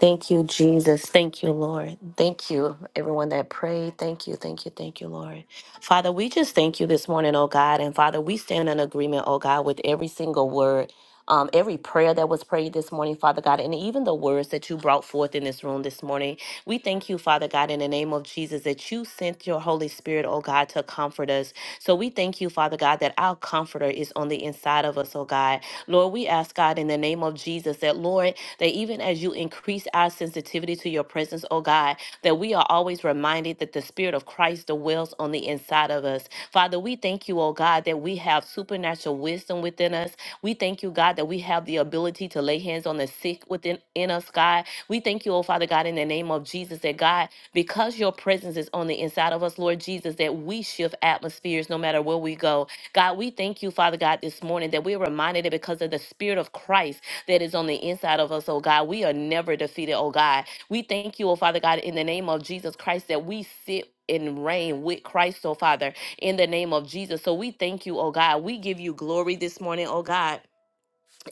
Thank you, Jesus. Thank you, Lord. Thank you, everyone that prayed. Thank you, thank you, thank you, Lord. Father, we just thank you this morning, oh God. And Father, we stand in agreement, oh God, with every single word um, every prayer that was prayed this morning, Father God, and even the words that you brought forth in this room this morning. We thank you, Father God, in the name of Jesus, that you sent your Holy Spirit, oh God, to comfort us. So we thank you, Father God, that our comforter is on the inside of us, oh God. Lord, we ask God in the name of Jesus that, Lord, that even as you increase our sensitivity to your presence, oh God, that we are always reminded that the Spirit of Christ dwells on the inside of us. Father, we thank you, oh God, that we have supernatural wisdom within us we thank you, God, that we have the ability to lay hands on the sick within in us, God. We thank you, oh Father God, in the name of Jesus, that God, because your presence is on the inside of us, Lord Jesus, that we shift atmospheres no matter where we go. God, we thank you, Father God, this morning that we're reminded that because of the Spirit of Christ that is on the inside of us, oh God, we are never defeated, oh God. We thank you, oh Father God, in the name of Jesus Christ, that we sit and reign with Christ, oh Father in the name of Jesus. So we thank you, oh God. We give you glory this morning, oh God,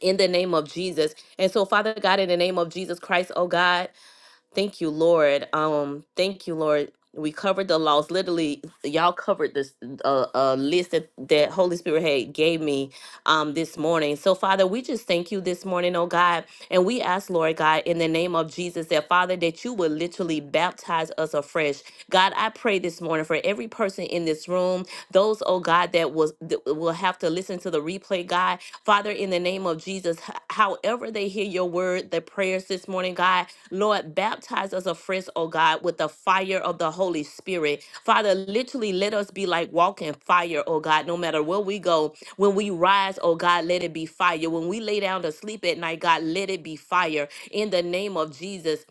in the name of Jesus. And so, Father God, in the name of Jesus Christ, oh God, thank you, Lord. Um, thank you, Lord. We covered the laws. Literally, y'all covered this uh, uh, list that, that Holy Spirit had gave me um, this morning. So, Father, we just thank you this morning, oh God. And we ask, Lord God, in the name of Jesus, that Father, that you will literally baptize us afresh. God, I pray this morning for every person in this room those, oh God, that was that will have to listen to the replay, God. Father, in the name of Jesus, h- however they hear your word, the prayers this morning, God, Lord, baptize us afresh, oh God, with the fire of the Holy Spirit. Father, literally let us be like walking fire, oh God, no matter where we go. When we rise, oh God, let it be fire. When we lay down to sleep at night, God, let it be fire. In the name of Jesus,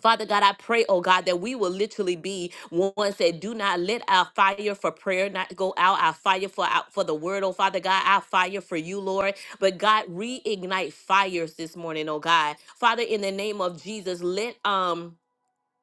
Father God, I pray, oh God, that we will literally be ones that do not let our fire for prayer not go out, our fire for out for the word, oh Father God, our fire for you, Lord. But God, reignite fires this morning, oh God. Father, in the name of Jesus, let um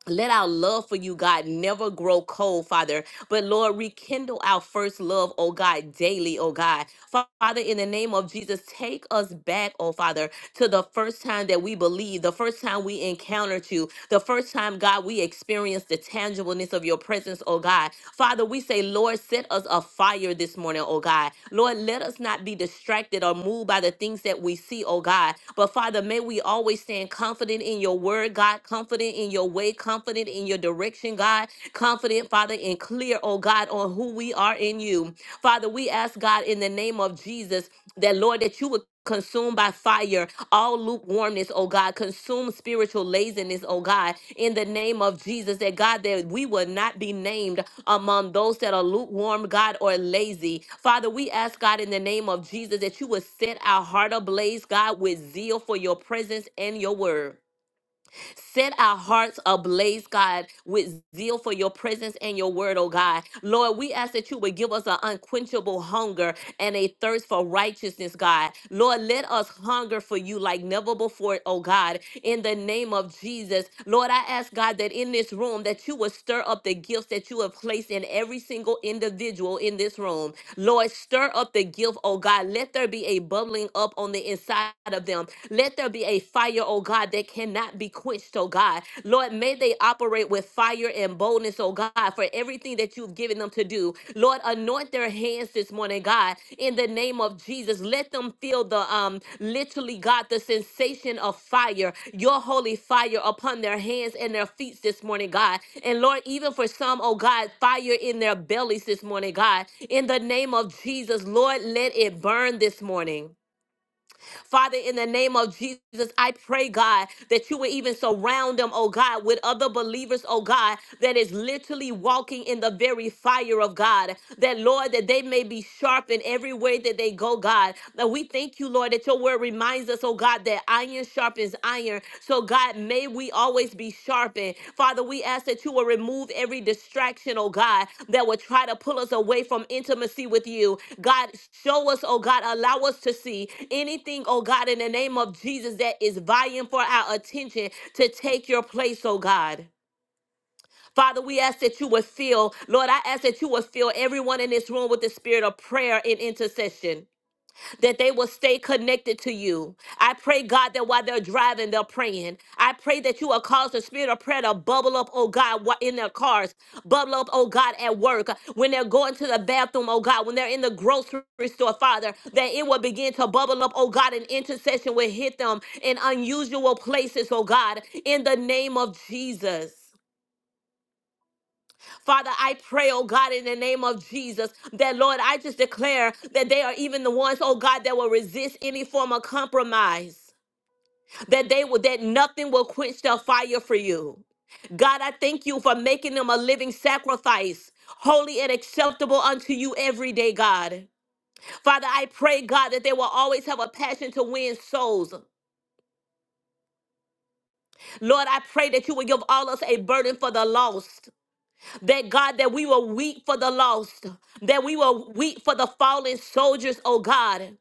let our love for you, God, never grow cold, Father. But Lord, rekindle our first love, oh God, daily, oh God. Fa- Father, in the name of Jesus, take us back, oh Father to the first time that we believed, the first time we encountered you, the first time, God, we experienced the tangibleness of your presence, oh God. Father, we say, Lord, set us afire this morning, oh God. Lord, let us not be distracted or moved by the things that we see, oh God. But Father, may we always stand confident in your word, God, confident in your way, confident in your direction, God, confident, Father, and clear, oh God, on who we are in you. Father, we ask, God, in the name of Jesus, that Lord, that you would consume by fire all lukewarmness, oh God. Consume spiritual laziness, oh God, in the name of Jesus, that God, that we will not be named among those that are lukewarm, God, or lazy. Father, we ask, God, in the name of Jesus, that you would set our heart ablaze, God, with zeal for your presence and your word. Set our hearts ablaze, God, with zeal for your presence and your word, oh God. Lord, we ask that you would give us an unquenchable hunger and a thirst for righteousness, God. Lord, let us hunger for you like never before, oh God, in the name of Jesus. Lord, I ask, God, that in this room that you would stir up the gifts that you have placed in every single individual in this room. Lord, stir up the gift, oh God. Let there be a bubbling up on the inside of them. Let there be a fire, oh God, that cannot be quenched, oh God. Lord, may they operate with fire and boldness, oh God, for everything that you've given them to do. Lord, anoint their hands this morning, God, in the name of Jesus. Let them feel the um literally God the sensation of fire, your holy fire upon their hands and their feet this morning, God. And Lord, even for some, oh God, fire in their bellies this morning, God. In the name of Jesus, Lord, let it burn this morning. Father, in the name of Jesus, I pray, God, that you would even surround them, oh God, with other believers, oh God, that is literally walking in the very fire of God. That, Lord, that they may be sharpened every way that they go, God. That we thank you, Lord, that your word reminds us, oh God, that iron sharpens iron so, God, may we always be sharpened. Father, we ask that you will remove every distraction, oh God, that will try to pull us away from intimacy with you. God, show us, oh God, allow us to see anything, oh God, in the name of Jesus that is vying for our attention to take your place, oh God. Father, we ask that you would fill, Lord, I ask that you would fill everyone in this room with the spirit of prayer and intercession that they will stay connected to you. I pray, God, that while they're driving, they're praying. I pray that you will cause the spirit of prayer to bubble up, oh God, wh- in their cars, bubble up, oh God, at work, when they're going to the bathroom, oh God, when they're in the grocery store, Father, that it will begin to bubble up, oh God, and intercession will hit them in unusual places, oh God, in the name of Jesus. Father, I pray, oh God, in the name of Jesus, that Lord, I just declare that they are even the ones, oh God, that will resist any form of compromise. That they will, that nothing will quench their fire for you. God, I thank you for making them a living sacrifice, holy and acceptable unto you every day, God. Father, I pray, God, that they will always have a passion to win souls. Lord, I pray that you will give all us a burden for the lost. That God, that we will weep for the lost, that we will weep for the fallen soldiers, oh God.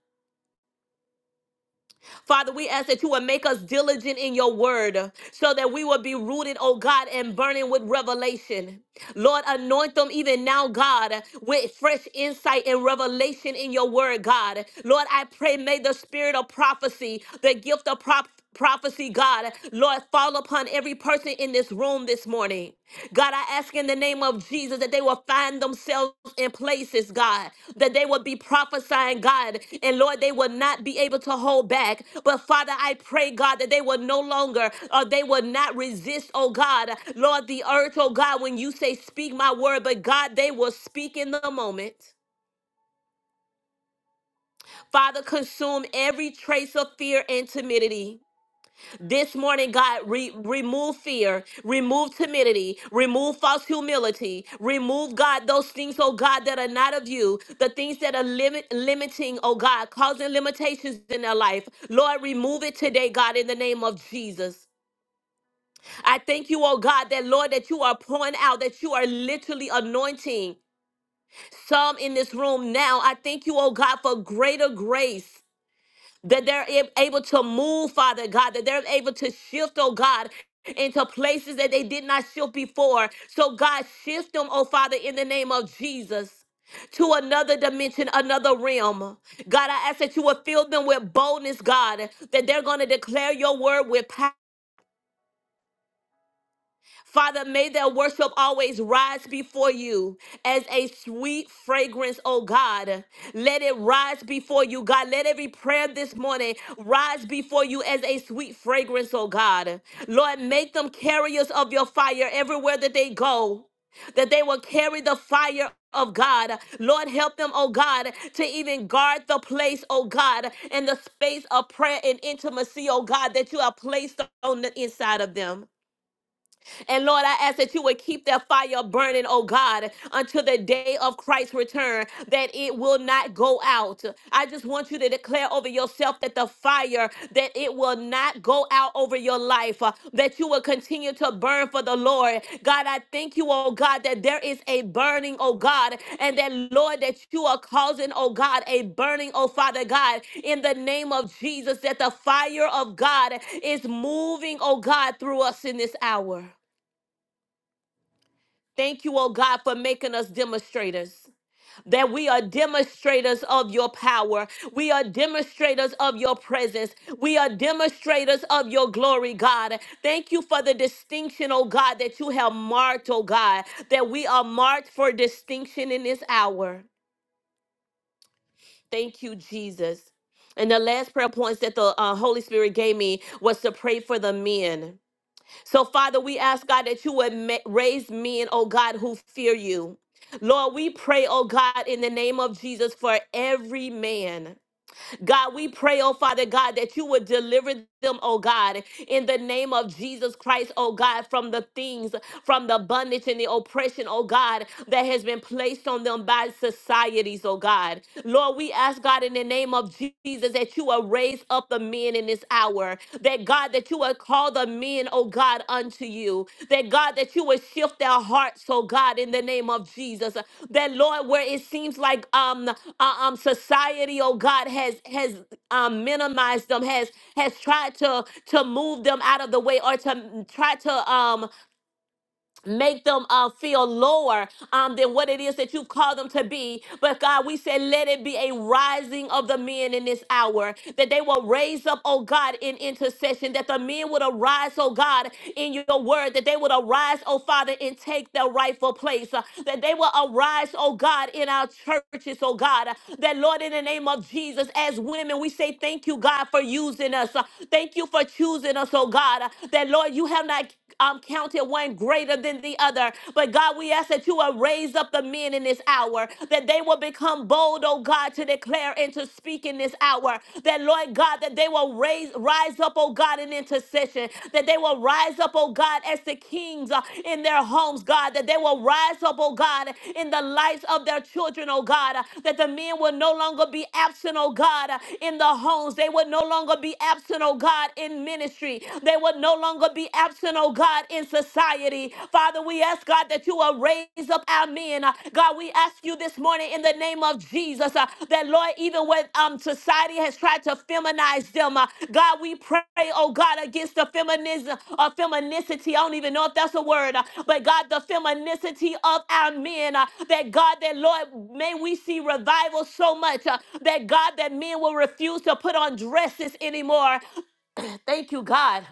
Father, we ask that you will make us diligent in your word so that we will be rooted, oh God, and burning with revelation. Lord, anoint them even now, God, with fresh insight and revelation in your word, God. Lord, I pray, may the spirit of prophecy, the gift of prop- prophecy, God, Lord, fall upon every person in this room this morning. God, I ask in the name of Jesus that they will find themselves in places, God, that they will be prophesying, God, and Lord, they will not be able to hold back. But Father, I pray, God, that they will no longer or they will not resist, oh God, Lord, the earth, oh God, when you say, Speak my word, but God, they will speak in the moment. Father, consume every trace of fear and timidity. This morning, God, re- remove fear, remove timidity, remove false humility, remove, God, those things, oh God, that are not of you, the things that are limit- limiting, oh God, causing limitations in their life. Lord, remove it today, God, in the name of Jesus. I thank you, oh God, that Lord, that you are pouring out, that you are literally anointing some in this room now. I thank you, oh God, for greater grace that they're ab- able to move, Father God, that they're able to shift, oh God, into places that they did not shift before. So, God, shift them, oh Father, in the name of Jesus. To another dimension, another realm. God, I ask that you would fill them with boldness, God, that they're going to declare your word with power Father, may their worship always rise before you as a sweet fragrance, oh God. Let it rise before you, God. Let every prayer this morning rise before you as a sweet fragrance, oh God. Lord, make them carriers of your fire everywhere that they go that they will carry the fire of God. Lord, help them, oh God, to even guard the place, oh God, and the space of prayer and intimacy, oh God, that you have placed on the inside of them. And Lord, I ask that you would keep that fire burning, oh God, until the day of Christ's return, that it will not go out. I just want you to declare over yourself that the fire, that it will not go out over your life, uh, that you will continue to burn for the Lord. God, I thank you, oh God, that there is a burning, oh God, and that, Lord, that you are causing, oh God, a burning, oh Father God, in the name of Jesus, that the fire of God is moving, oh God, through us in this hour. Thank you, oh God, for making us demonstrators. That we are demonstrators of your power. We are demonstrators of your presence. We are demonstrators of your glory, God. Thank you for the distinction, oh God, that you have marked, oh God, that we are marked for distinction in this hour. Thank you, Jesus. And the last prayer points that the uh, Holy Spirit gave me was to pray for the men so, Father, we ask God that you would ma- raise men, oh God, who fear you. Lord, we pray, oh God, in the name of Jesus for every man. God, we pray, oh Father God, that you would deliver them, oh God, in the name of Jesus Christ, oh God, from the things, from the bondage and the oppression, oh God, that has been placed on them by societies, oh God. Lord, we ask God in the name of Jesus that you will raise up the men in this hour, that God, that you will call the men, oh God, unto you, that God, that you will shift their hearts, oh God, in the name of Jesus, that Lord, where it seems like um uh, um, society, oh God, has has um, minimized them, has has tried to to move them out of the way or to mm, try to um, make them uh, feel lower um, than what it is that you've called them to be. But God, we say, let it be a rising of the men in this hour, that they will raise up, oh God, in intercession, that the men would arise, oh God, in your word, that they would arise, oh Father, and take their rightful place, uh, that they will arise, oh God, in our churches, oh God, uh, that Lord, in the name of Jesus, as women, we say, thank you, God, for using us. Uh, Thank you for choosing us, oh God, uh, that Lord, you have not um, counted one greater than the other. But God, we ask that you will raise up the men in this hour, that they will become bold, oh God, to declare and to speak in this hour. That, Lord God, that they will raise, rise up, oh God, in intercession. That they will rise up, oh God, as the kings uh, in their homes, God. That they will rise up, oh God, in the lives of their children, oh God. Uh, That the men will no longer be absent, oh God, uh, in the homes. They will no longer be absent, oh God, in ministry. They will no longer be absent, oh God, in society. Father, we ask, God, that you will raise up our men. Uh, God, we ask you this morning in the name of Jesus uh, that, Lord, even when um, society has tried to feminize them, uh, God, we pray, oh God, against the feminism or feminicity. I don't even know if that's a word, uh, but God, the feminicity of our men, uh, that God, that Lord, may we see revival so much uh, that God, that men will refuse to put on dresses anymore. Thank you, God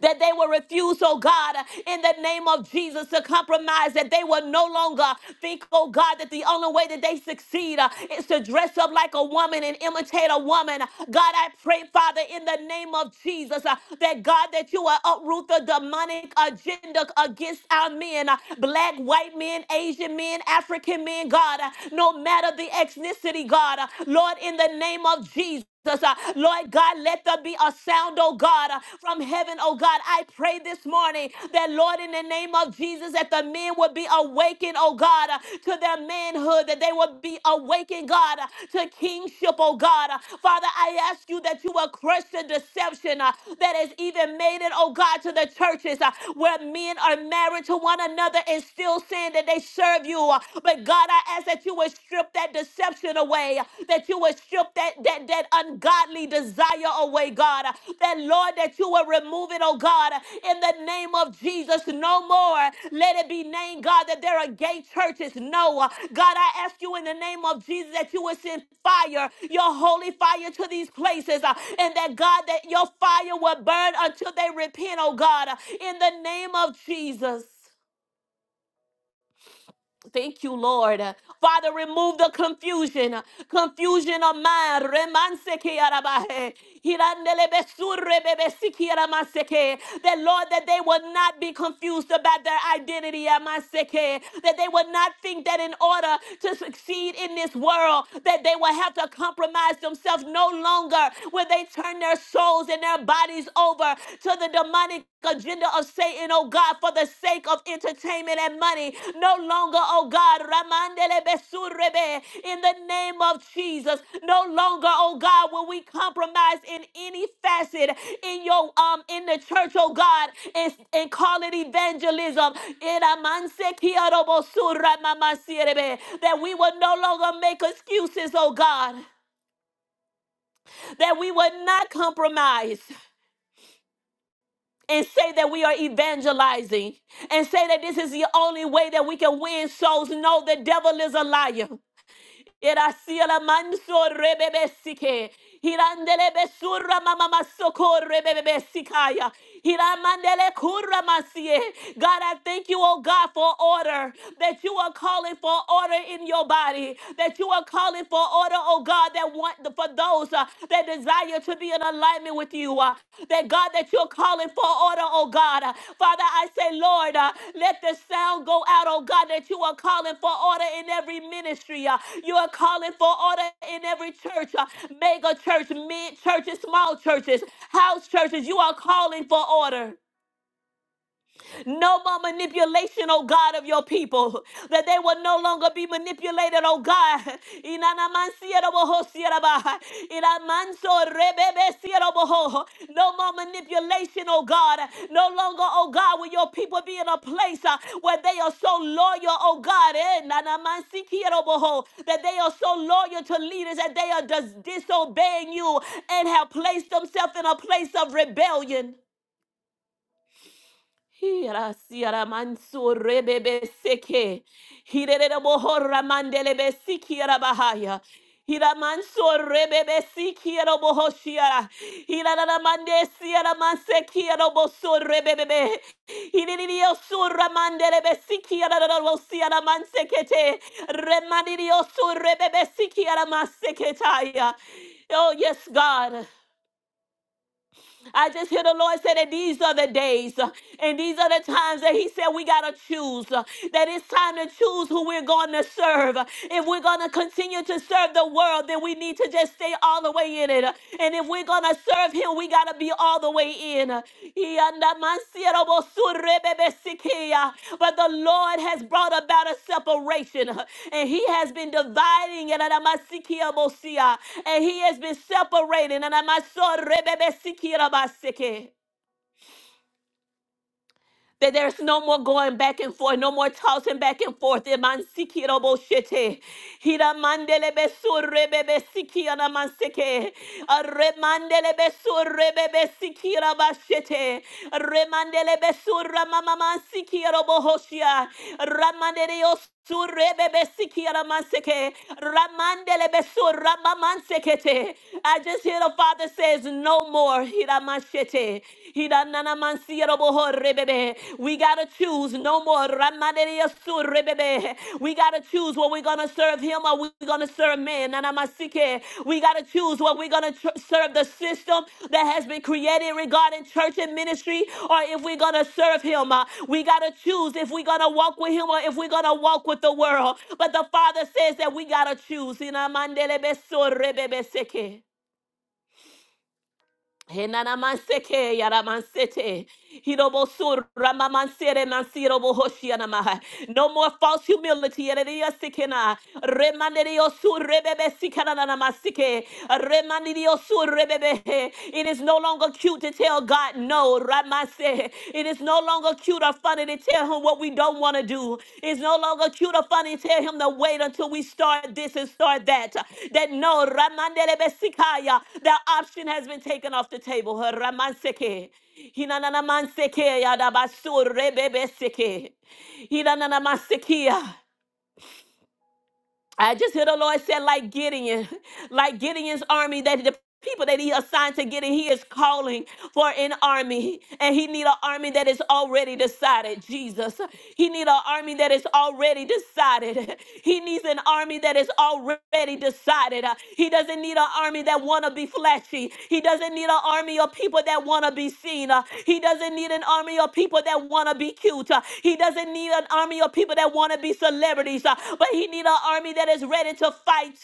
that they will refuse, oh God, in the name of Jesus to compromise, that they will no longer think, oh God, that the only way that they succeed uh, is to dress up like a woman and imitate a woman. God, I pray, Father, in the name of Jesus, uh, that God, that you will uproot the demonic agenda against our men, uh, black, white men, Asian men, African men, God, uh, no matter the ethnicity, God, uh, Lord, in the name of Jesus. Jesus. Uh, Lord God, let there be a sound, oh God, uh, from heaven, oh God. I pray this morning that, Lord, in the name of Jesus, that the men would be awakened, oh God, uh, to their manhood, that they would be awakened, God, uh, to kingship, oh God. Uh, Father, I ask you that you will crush the deception uh, that has even made it, oh God, to the churches uh, where men are married to one another and still saying that they serve you. Uh, But God, I ask that you you would strip that deception away, that you would strip that, that, that ungodly desire away, God. That, Lord, that you will remove it, oh God, in the name of Jesus. No more. Let it be named, God, that there are gay churches. No. God, I ask you in the name of Jesus that you would send fire, your holy fire to these places, uh, and that, God, that your fire will burn until they repent, oh God, in the name of Jesus. Thank you, Lord. Father, remove the confusion, confusion of mind. Remanse que arabaje. Hirandele besurre bebe siki aramase que. That, Lord, that they will not be confused about their identity. amase que. That they will not think that in order to succeed in this world, that they will have to compromise themselves no longer. Will they turn their souls and their bodies over to the demonic agenda of Satan, oh God, for the sake of entertainment and money. No longer, oh God, Ramandele Besurebe, in the name of Jesus. No longer, oh God, will we compromise in any facet in your um in the church, oh God, and, and call it evangelism. Iramanse kiarobosura mamasierebe, That we will no longer make excuses, oh God. That we will not compromise. and say that we are evangelizing and say that this is the only way that we can win souls. No, the devil is a liar. Era sia la manso rebebe sike. Hirandele besurra mama masoko rebebe sikaya. Hiramandele kurra masie. God, I thank you, oh God, for order, that you are calling for order in your body, that you are calling for order, oh God, that want for those uh, that desire desire to be in alignment with you. uh, That God, that you're calling for order, oh God. Uh, Father, I say, Lord, uh, let the sound go out, oh God, that you are calling for order in every ministry. uh, You are calling for order in every church, uh, mega church, mid churches, small churches, house churches. You are calling for order. No more manipulation, oh God, of your people. That they will no longer be manipulated, oh God. Inanamansierabohosieraba. Inamansorebebesieraboho. No more manipulation, oh God. No longer, oh God, will your people be in a place uh, where they are so loyal, oh God. eh, nanamansikieroboho, That they are so loyal to leaders that they are dis- disobeying you and have placed themselves in a place of rebellion. Hira siara manso rebebe seke. Hirere bohora mandele be sikiara bahaya. Hira manso rebebe sikiara bohoshiara. Hira na mande siara manse kiara boso rebebe. Hiririo surra mandele be sikiara na rosiara manse kete. Remanirio surrebebe sikiara maseketaya. Oh yes, God. I just hear the Lord say that these are the days uh, and these are the times that He said we got to choose. uh, That it's time to choose who we're going to serve. If we're going to continue to serve the world, then we need to just stay all the way in it. And if we're going to serve Him, we got to be all the way way in. Iyandamansiyarobosurebebesikia. But the Lord has brought about a separation, and He has been dividing, Iyandamansikiyabosia, and He has been separating. Iyandamasorebebesikia that there's no more going back and forth, no more tossing back and forth. Emansikiroboshete. Hiramandelebesurabebesikiramanseke. Aremandelebesurabebesikirabashete. Remandelebesuramamamansikirobohoshia. Ramandereos- Surebebesikiaramanseke, ramandelebesu, I just hear the Father says, No more. Hiramashete, hirananamansieraboho, rebebe. We got to choose no more. Ramandeliosu, We got to choose what we're going to serve Him or we're going to to serve men. Nanamasike. We got to choose what we're going to tr- serve the system that has been created regarding church and ministry, or if we're going to serve Him. Uh, We got to choose if we're going to walk with Him or if we're going to walk with the world. But the Father says that we got to choose. Inamandelebesore-bebeseke. Henanamanseke yaramansete. Hirobosur ramamansere mansirobohoshianamaha. No more false humility. Ereria sikena. Remanderio su rebebe sikana na namasike. Remanderio su rebebe. It is no longer cute to tell God no. Ramase. It is no longer cute or funny to tell him what we don't want to do. It's no longer cute or funny to tell him to wait until we start this and start that. That no. Ramandelebe sikaya. That option has been taken off the table. Ramanseke. Hinananamanseke. Yadabasur rebebe seke. Hiranamasikia. I just hear the Lord said, like Gideon, like Gideon's army that people that he assigned to get in he is calling for an army and he need an army that is already decided jesus he need an army that is already decided he needs an army that is already decided Uh, he doesn't need an army that want to be flashy he doesn't need an army of people that want to be seen Uh, he doesn't need an army of people that want to be cute Uh, he doesn't need an army of people that want to be celebrities Uh, but he need an army that is ready to fight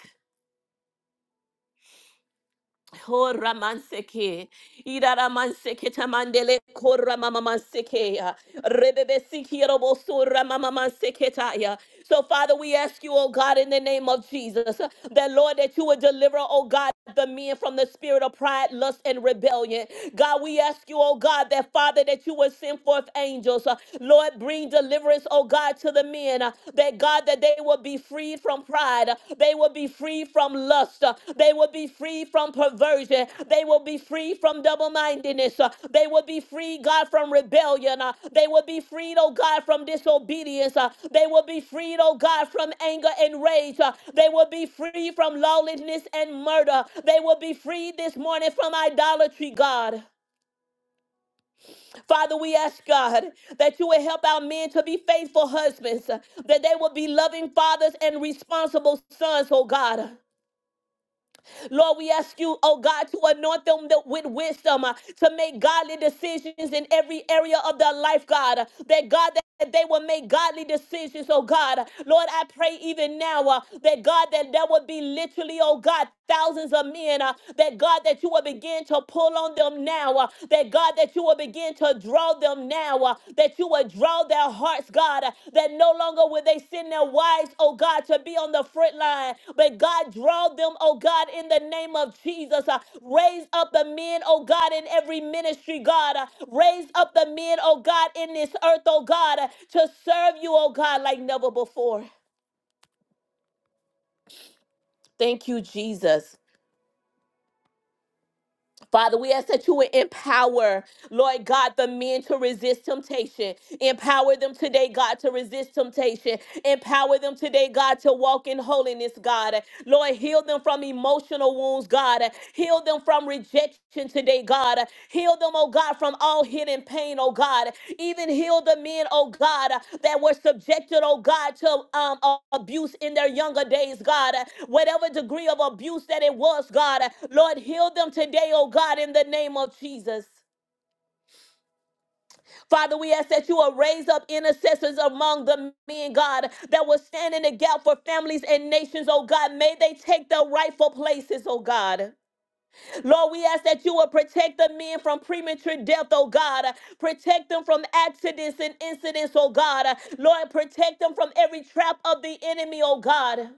Horamanseke, Iraramanseke tamandele kora mama manseke ya, Rebebe siki robo sura koramamamansekea, rebebesikirobosoramamamanseketaya. So, Father, we ask you, oh God, in the name of Jesus, uh, that Lord, that you would deliver, oh God, the men from the spirit of pride, lust, and rebellion. God, we ask you, oh God, that Father, that you would send forth angels. uh, Lord, bring deliverance, oh God, to the men, uh, that God, that they will be freed from pride, uh, they will be free from lust, uh, they will be free from perversion. They will be free from double mindedness. They will be free, God, from rebellion. Uh, They will be freed, oh God, from disobedience. Uh, They will be freed, oh God, from anger and rage. Uh, They will be free from lawlessness and murder. They will be freed this morning from idolatry, God. Father, we ask God that you will help our men to be faithful husbands, uh, that they will be loving fathers and responsible sons, oh God. Lord, we ask you, oh God, to anoint them th- with wisdom uh, to make godly decisions in every area of their life, God. uh, That God, that that they will make godly decisions, oh God. Uh, Lord, I pray even now uh, that God, that there will be literally, oh God, thousands of men, uh, that God, that you will begin to pull on them now, uh, that God, that you will begin to draw them now, uh, that you would draw their hearts, God, uh, that no longer will they send their wives, oh God, to be on the front line, but God, draw them, oh God, in the name of Jesus. uh, raise up the men, oh God, in every ministry, God. uh, raise up the men, oh God, in this earth, oh God, uh, to serve you, oh God, like never before. Thank you, Jesus. Father, we ask that you would empower, Lord God, the men to resist temptation. Empower them today, God, to resist temptation. Empower them today, God, to walk in holiness, God. Lord, heal them from emotional wounds, God. Heal them from rejection today, God. Heal them, oh God, from all hidden pain, oh God. Even heal the men, oh God, that were subjected, oh God, to um, a- abuse in their younger days, God. Whatever degree of abuse that it was, God. Lord, heal them today, oh God, in the name of Jesus. Father, we ask that you will raise up intercessors among the men, God, that will stand in the gap for families and nations, oh God. May they take their rightful places, oh God. Lord, we ask that you will protect the men from premature death, oh God. Protect them from accidents and incidents, oh God. Lord, protect them from every trap of the enemy, oh God.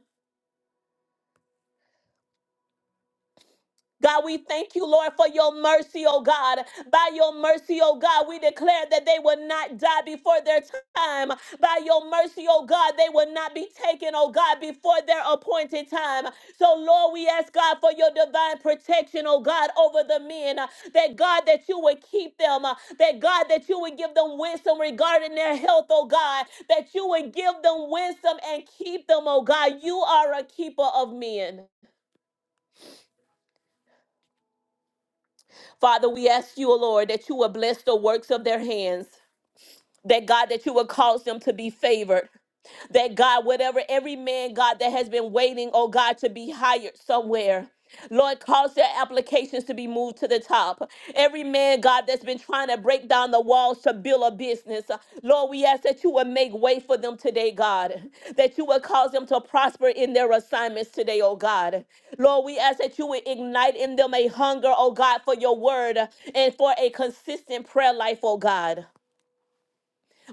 God, we thank you, Lord, for your mercy, oh God. By your mercy, oh God, we declare that they will not die before their time. By your mercy, oh God, they will not be taken, oh God, before their appointed time. So, Lord, we ask God for your divine protection, oh God, over the men. uh, That God, that you would keep them. uh, That God, that you would give them wisdom regarding their health, oh God. That you would give them wisdom and keep them, oh God. You are a keeper of men. Father, we ask you, O Lord, that you will bless the works of their hands. That God, that you will cause them to be favored that God, whatever every man, God, that has been waiting, oh God, to be hired somewhere. Lord, cause their applications to be moved to the top. Every man, God, that's been trying to break down the walls to build a business, uh, Lord, we ask that you would make way for them today, God, that you would cause them to prosper in their assignments today, oh God. Lord, we ask that you would ignite in them a hunger, oh God, for your word and for a consistent prayer life, oh God.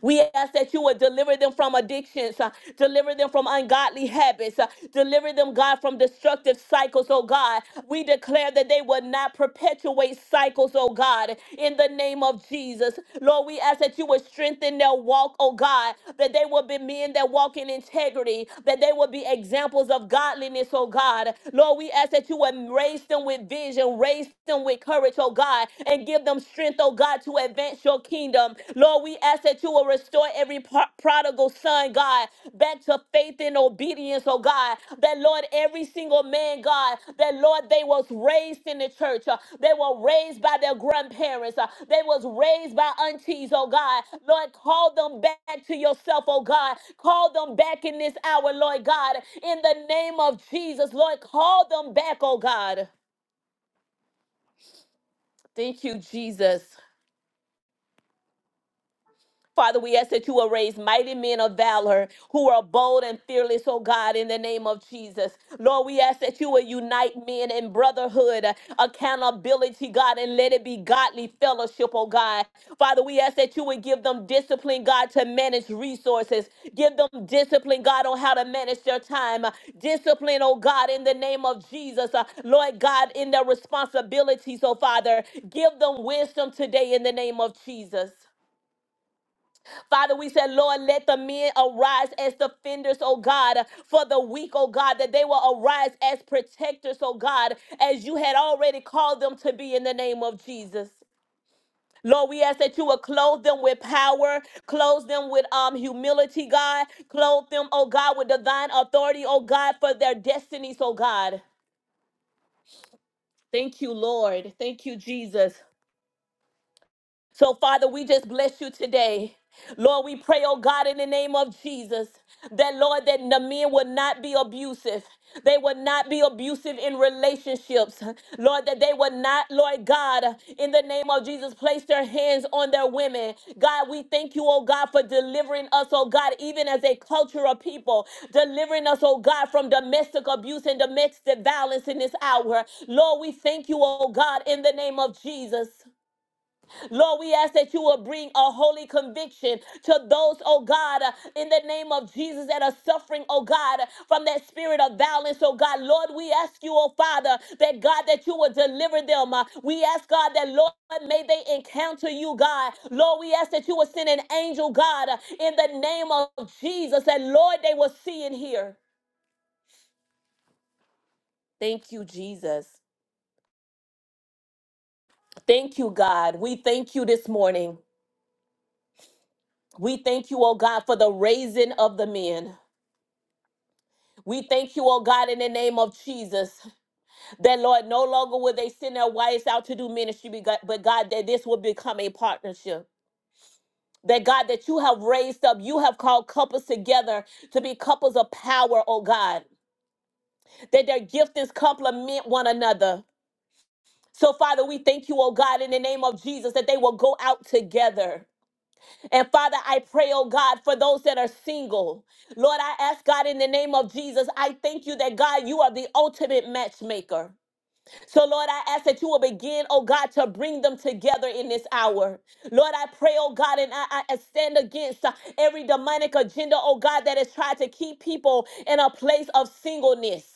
We ask that you would deliver them from addictions, uh, deliver them from ungodly habits, uh, deliver them, God, from destructive cycles, oh God. We declare that they would not perpetuate cycles, oh God, in the name of Jesus. Lord, we ask that you would strengthen their walk, oh God, that they will be men that walk in integrity, that they will be examples of godliness, oh God. Lord, we ask that you would raise them with vision, raise them with courage, oh God, and give them strength, oh God, to advance your kingdom. Lord, we ask that you will restore every pro- prodigal son, God, back to faith and obedience, oh God. That, Lord, every single man, God, that, Lord, they was raised in the church. uh, they were raised by their grandparents. uh, they was raised by aunties, oh God. Lord, call them back to yourself, oh God. Call them back in this hour, Lord God. In the name of Jesus, Lord, call them back, oh God. Thank you, Jesus. Father, we ask that you will raise mighty men of valor who are bold and fearless, oh God, in the name of Jesus. Lord, we ask that you will unite men in brotherhood, accountability, God, and let it be godly fellowship, oh God. Father, we ask that you would give them discipline, God, to manage resources. Give them discipline, God, on how to manage their time. Discipline, oh God, in the name of Jesus. Uh, Lord God, in their responsibilities, oh Father, give them wisdom today in the name of Jesus. Father, we said, Lord, let the men arise as defenders, oh God, for the weak, oh God, that they will arise as protectors, oh God, as you had already called them to be in the name of Jesus. Lord, we ask that you would clothe them with power, clothe them with um humility, God, clothe them, oh God, with divine authority, oh God, for their destinies, oh God. Thank you, Lord. Thank you, Jesus. So, Father, we just bless you today. Lord, we pray, oh God, in the name of Jesus, that Lord, that the men would not be abusive. They would not be abusive in relationships. Lord, that they would not, Lord God, in the name of Jesus, place their hands on their women. God, we thank you, oh God, for delivering us, oh God, even as a culture of people, delivering us, oh God, from domestic abuse and domestic violence in this hour. Lord, we thank you, oh God, in the name of Jesus. Lord, we ask that you will bring a holy conviction to those, oh God, uh, in the name of Jesus that are suffering, oh God, uh, from that spirit of violence, oh God. Lord, we ask you, oh Father, that God, that you will deliver them. Uh, We ask God that, Lord, may they encounter you, God. Lord, we ask that you will send an angel, God, uh, in the name of Jesus, that, Lord, they will see and hear. Thank you, Jesus. Thank you, God. We thank you this morning. We thank you, oh God, for the raising of the men. We thank you, oh God, in the name of Jesus, that Lord, no longer will they send their wives out to do ministry, but God, but God, that this will become a partnership. That God, that you have raised up, you have called couples together to be couples of power, oh God, that their giftings complement one another. So, Father, we thank you, oh God, in the name of Jesus, that they will go out together. And Father, I pray, oh God, for those that are single. Lord, I ask God in the name of Jesus, I thank you that God, you are the ultimate matchmaker. So, Lord, I ask that you will begin, oh God, to bring them together in this hour. Lord, I pray, oh God, and I, I stand against uh, every demonic agenda, oh God, that has tried to keep people in a place of singleness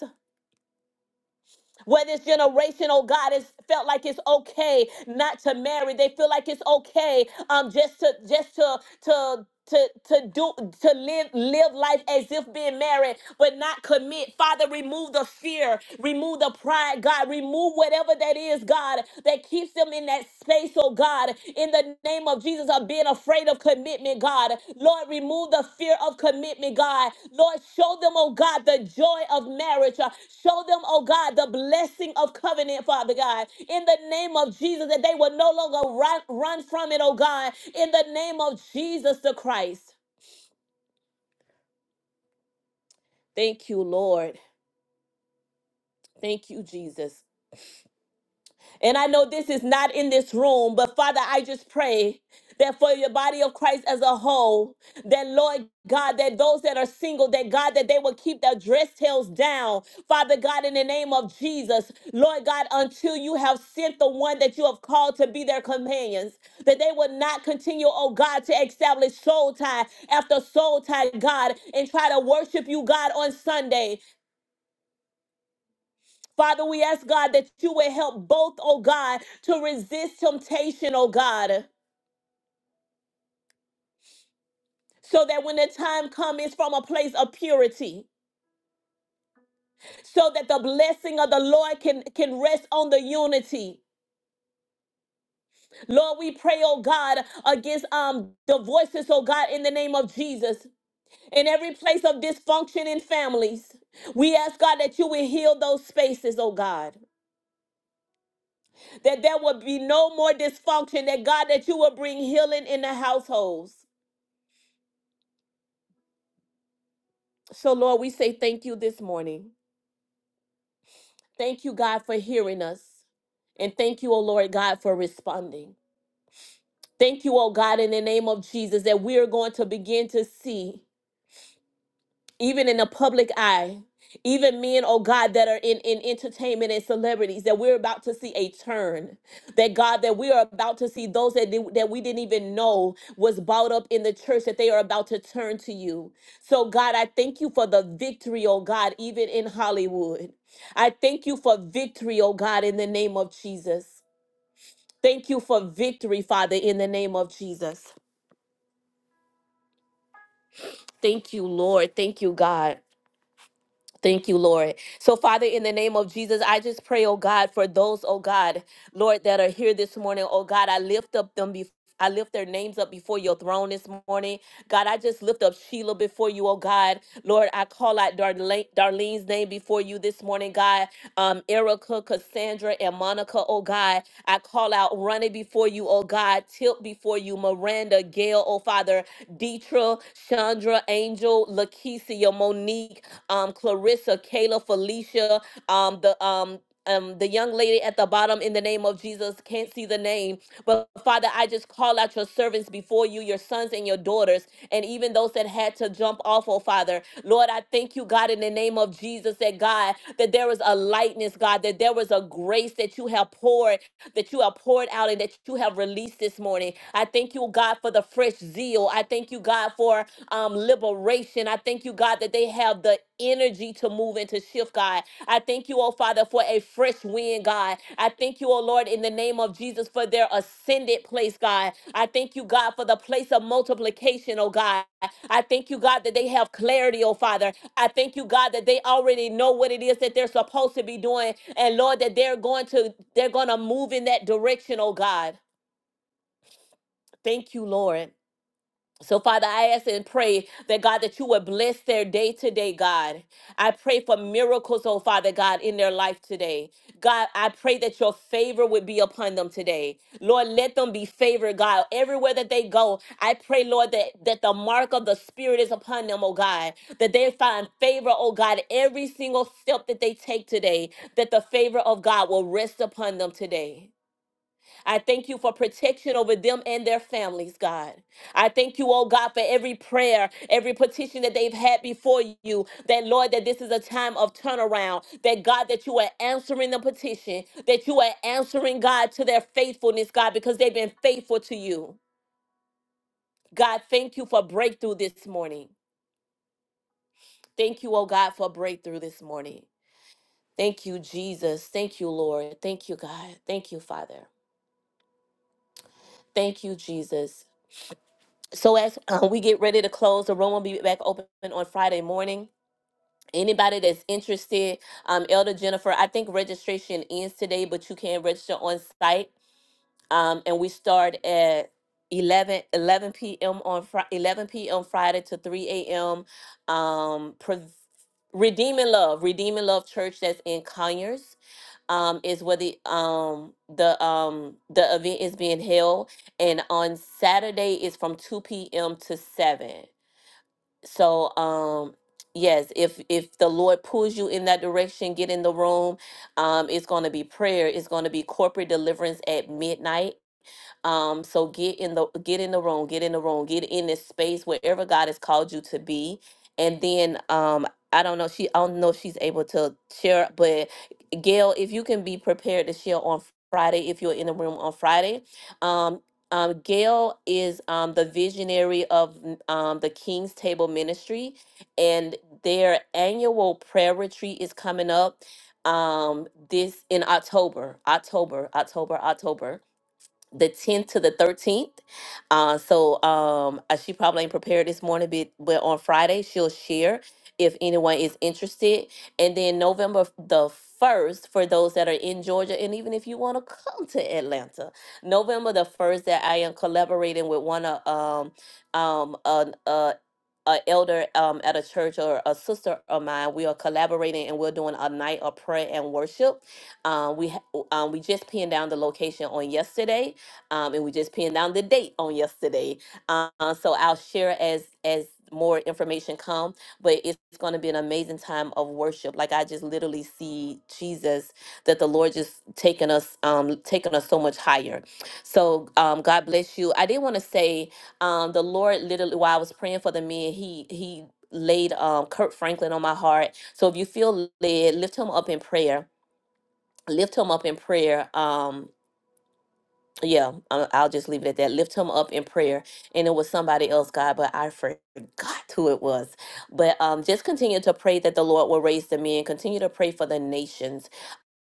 where this generation, oh God, has felt like it's okay not to marry. They feel like it's okay um just to just to to to, to do to live live life as if being married but not commit father remove the fear remove the pride god remove whatever that is god that keeps them in that space oh god in the name of jesus of being afraid of commitment god Lord, remove the fear of commitment, God. Lord, show them, oh God, the joy of marriage. Uh, Show them, oh God, the blessing of covenant, Father God. In the name of Jesus, that they will no longer run, run from it, oh God. In the name of Jesus the Christ. Thank you, Lord. Thank you, Jesus. And I know this is not in this room, but Father, I just pray that for your body of Christ as a whole, that Lord God, that those that are single, that God, that they will keep their dress tails down. Father God, in the name of Jesus, Lord God, until you have sent the one that you have called to be their companions, that they will not continue, oh God, to establish soul tie after soul tie, God, and try to worship you, God, on Sunday. Father, we ask God that you would help both, oh God, to resist temptation, oh God. So that when the time comes, it's from a place of purity. So that the blessing of the Lord can, can rest on the unity. Lord, we pray, oh God, against um the voices, oh God, in the name of Jesus. In every place of dysfunction in families. We ask God that you will heal those spaces, oh God. That there will be no more dysfunction. That God, that you will bring healing in the households. So, Lord, we say thank you this morning. Thank you, God, for hearing us. And thank you, O Lord God, for responding. Thank you, O God, in the name of Jesus, that we are going to begin to see. even in the public eye, even men, oh God, that are in, in entertainment and celebrities, that we're about to see a turn. That God, that we are about to see those that, did- that we didn't even know was bought up in the church, that they are about to turn to you. So, God, I thank you for the victory, oh God, even in Hollywood. I thank you for victory, oh God, in the name of Jesus. Thank you for victory, Father, in the name of Jesus. Thank you, Lord. Thank you, God. Thank you, Lord. So, Father, in the name of Jesus, I just pray, oh God, for those, oh God, Lord, that are here this morning. Oh God, I lift up them before. I lift their names up before your throne this morning. God, I just lift up Sheila before you, oh God. Lord, I call out Darlene, Darlene's name before you this morning, God. Um, Erica, Cassandra, and Monica, oh God. I call out Ronnie before you, oh God. Tilt before you, Miranda, Gail, oh Father. Deetra, Chandra, Angel, Lakeisha, Monique um, Clarissa, Kayla, Felicia, um, the um, um, the young lady at the bottom in the name of Jesus can't see the name, but Father, I just call out your servants before you, your sons and your daughters, and even those that had to jump off, oh Father. Lord, I thank you, God, in the name of Jesus, that God, that there is a lightness, God, that there was a grace that you have poured, that you have poured out and that you have released this morning. I thank you, God, for the fresh zeal. I thank you, God, for um, liberation. I thank you, God, that they have the energy to move and to shift, God. I thank you, oh Father, for a fresh wind, God. I thank you, oh Lord, in the name of Jesus, for their ascended place, God. I thank you, God, for the place of multiplication, oh God. I thank you, God, that they have clarity, oh Father. I thank you, God, that they already know what it is that they're supposed to be doing. And Lord, that they're going to they're going to move in that direction, oh God. Thank you, Lord. So, Father, I ask and pray that God, that you would bless their day today, God. I pray for miracles, oh Father God, in their life today. God, I pray that your favor would be upon them today. Lord, let them be favored, God. Everywhere that they go, I pray, Lord, that, that the mark of the Spirit is upon them, oh God, that they find favor, oh God, every single step that they take today, that the favor of God will rest upon them today. I thank you for protection over them and their families, God. I thank you, oh God, for every prayer, every petition that they've had before you. That, Lord, that this is a time of turnaround. That, God, that you are answering the petition, that you are answering, God, to their faithfulness, God, because they've been faithful to you. God, thank you for breakthrough this morning. Thank you, oh God, for breakthrough this morning. Thank you, Jesus. Thank you, Lord. Thank you, God. Thank you, Father. Thank you, Jesus. So as uh, we get ready to close, the room will be back open on Friday morning. Anybody that's interested, um, Elder Jennifer, I think registration ends today, but you can register on site. Um, and we start at 11 11 p.m. on Fri 11 p.m. Friday to 3 a.m. Um, Pre- Redeeming Love, Redeeming Love Church that's in Conyers um, is where the um the um the event is being held, and on Saturday is from two p.m. to seven. So um yes, if if the Lord pulls you in that direction, get in the room. Um, it's going to be prayer. It's going to be corporate deliverance at midnight um, so get in the get in the room, get in the room, get in this space wherever God has called you to be. And then um, I don't know, she I don't know if she's able to share, but Gail, if you can be prepared to share on Friday, if you're in the room on Friday. Um, um, Gail is um, the visionary of n- um, the King's Table Ministry, and their annual prayer retreat is coming up um, this in October, October, October, October the 10th to the 13th. Uh, so um, uh, she probably ain't prepared this morning, but, but on Friday she'll share if anyone is interested. And then November f- the 1st, for those that are in Georgia, and even if you want to come to Atlanta, November the 1st, that I am collaborating with one of um, um, an uh, a elder um, at a church or a sister of mine, we are collaborating and we're doing a night of prayer and worship. Um, we ha- um, we just pinned down the location on yesterday, um, and we just pinned down the date on yesterday. Uh, uh, so I'll share as as more information come, but it's going to be an amazing time of worship. Like I just literally see Jesus, that the Lord just taking us, um, taking us so much higher. So um, God bless you. I did want to say, um, the Lord literally while I was praying for the men, he he laid um Kurt Franklin on my heart. So if you feel led, lift him up in prayer. Lift him up in prayer. Um, yeah, I- I'll just leave it at that. Lift him up in prayer. And it was somebody else, God, but I forgot who it was. But um, just continue to pray that the Lord will raise the men. Continue to pray for the nations.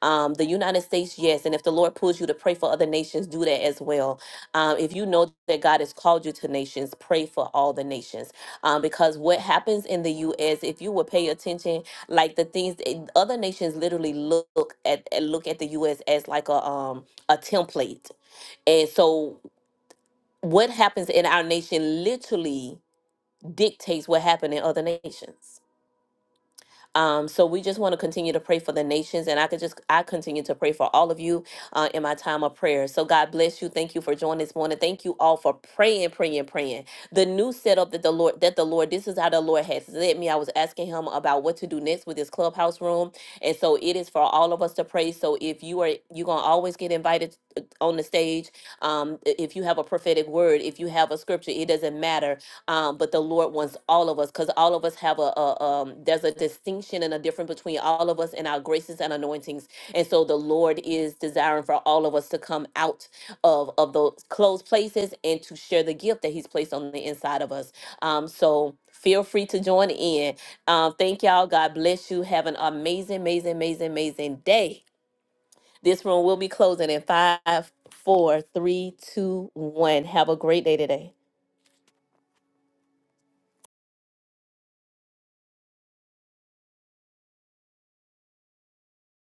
Um, the United States, yes. And if the Lord pulls you to pray for other nations, do that as well. Um, if you know that God has called you to nations, pray for all the nations. Um, because what happens in the U.S., if you will pay attention, like the things eh, other nations literally look at eh, look at the U.S. as like a um a template and so what happens in our nation literally dictates what happened in other nations. Um, so we just want to continue to pray for the nations, and I could just I continue to pray for all of you uh, in my time of prayer. So God bless you. Thank you for joining this morning. Thank you all for praying, praying, praying. The new setup that the Lord that the Lord this is how the Lord has led me. I was asking Him about what to do next with this clubhouse room, and so it is for all of us to pray. So if you are you're gonna always get invited uh, on the stage, um, i- if you have a prophetic word, if you have a scripture, it doesn't matter um, but the Lord wants all of us because all of us have a, a um, there's a distinction and a difference between all of us and our graces and anointings, and so the Lord is desiring for all of us to come out of of those closed places and to share the gift that He's placed on the inside of us. Um, so feel free to join in. Um, thank y'all. God bless you. Have an amazing, amazing, amazing, amazing day. This room will be closing in five, four, three, two, one. Have a great day today.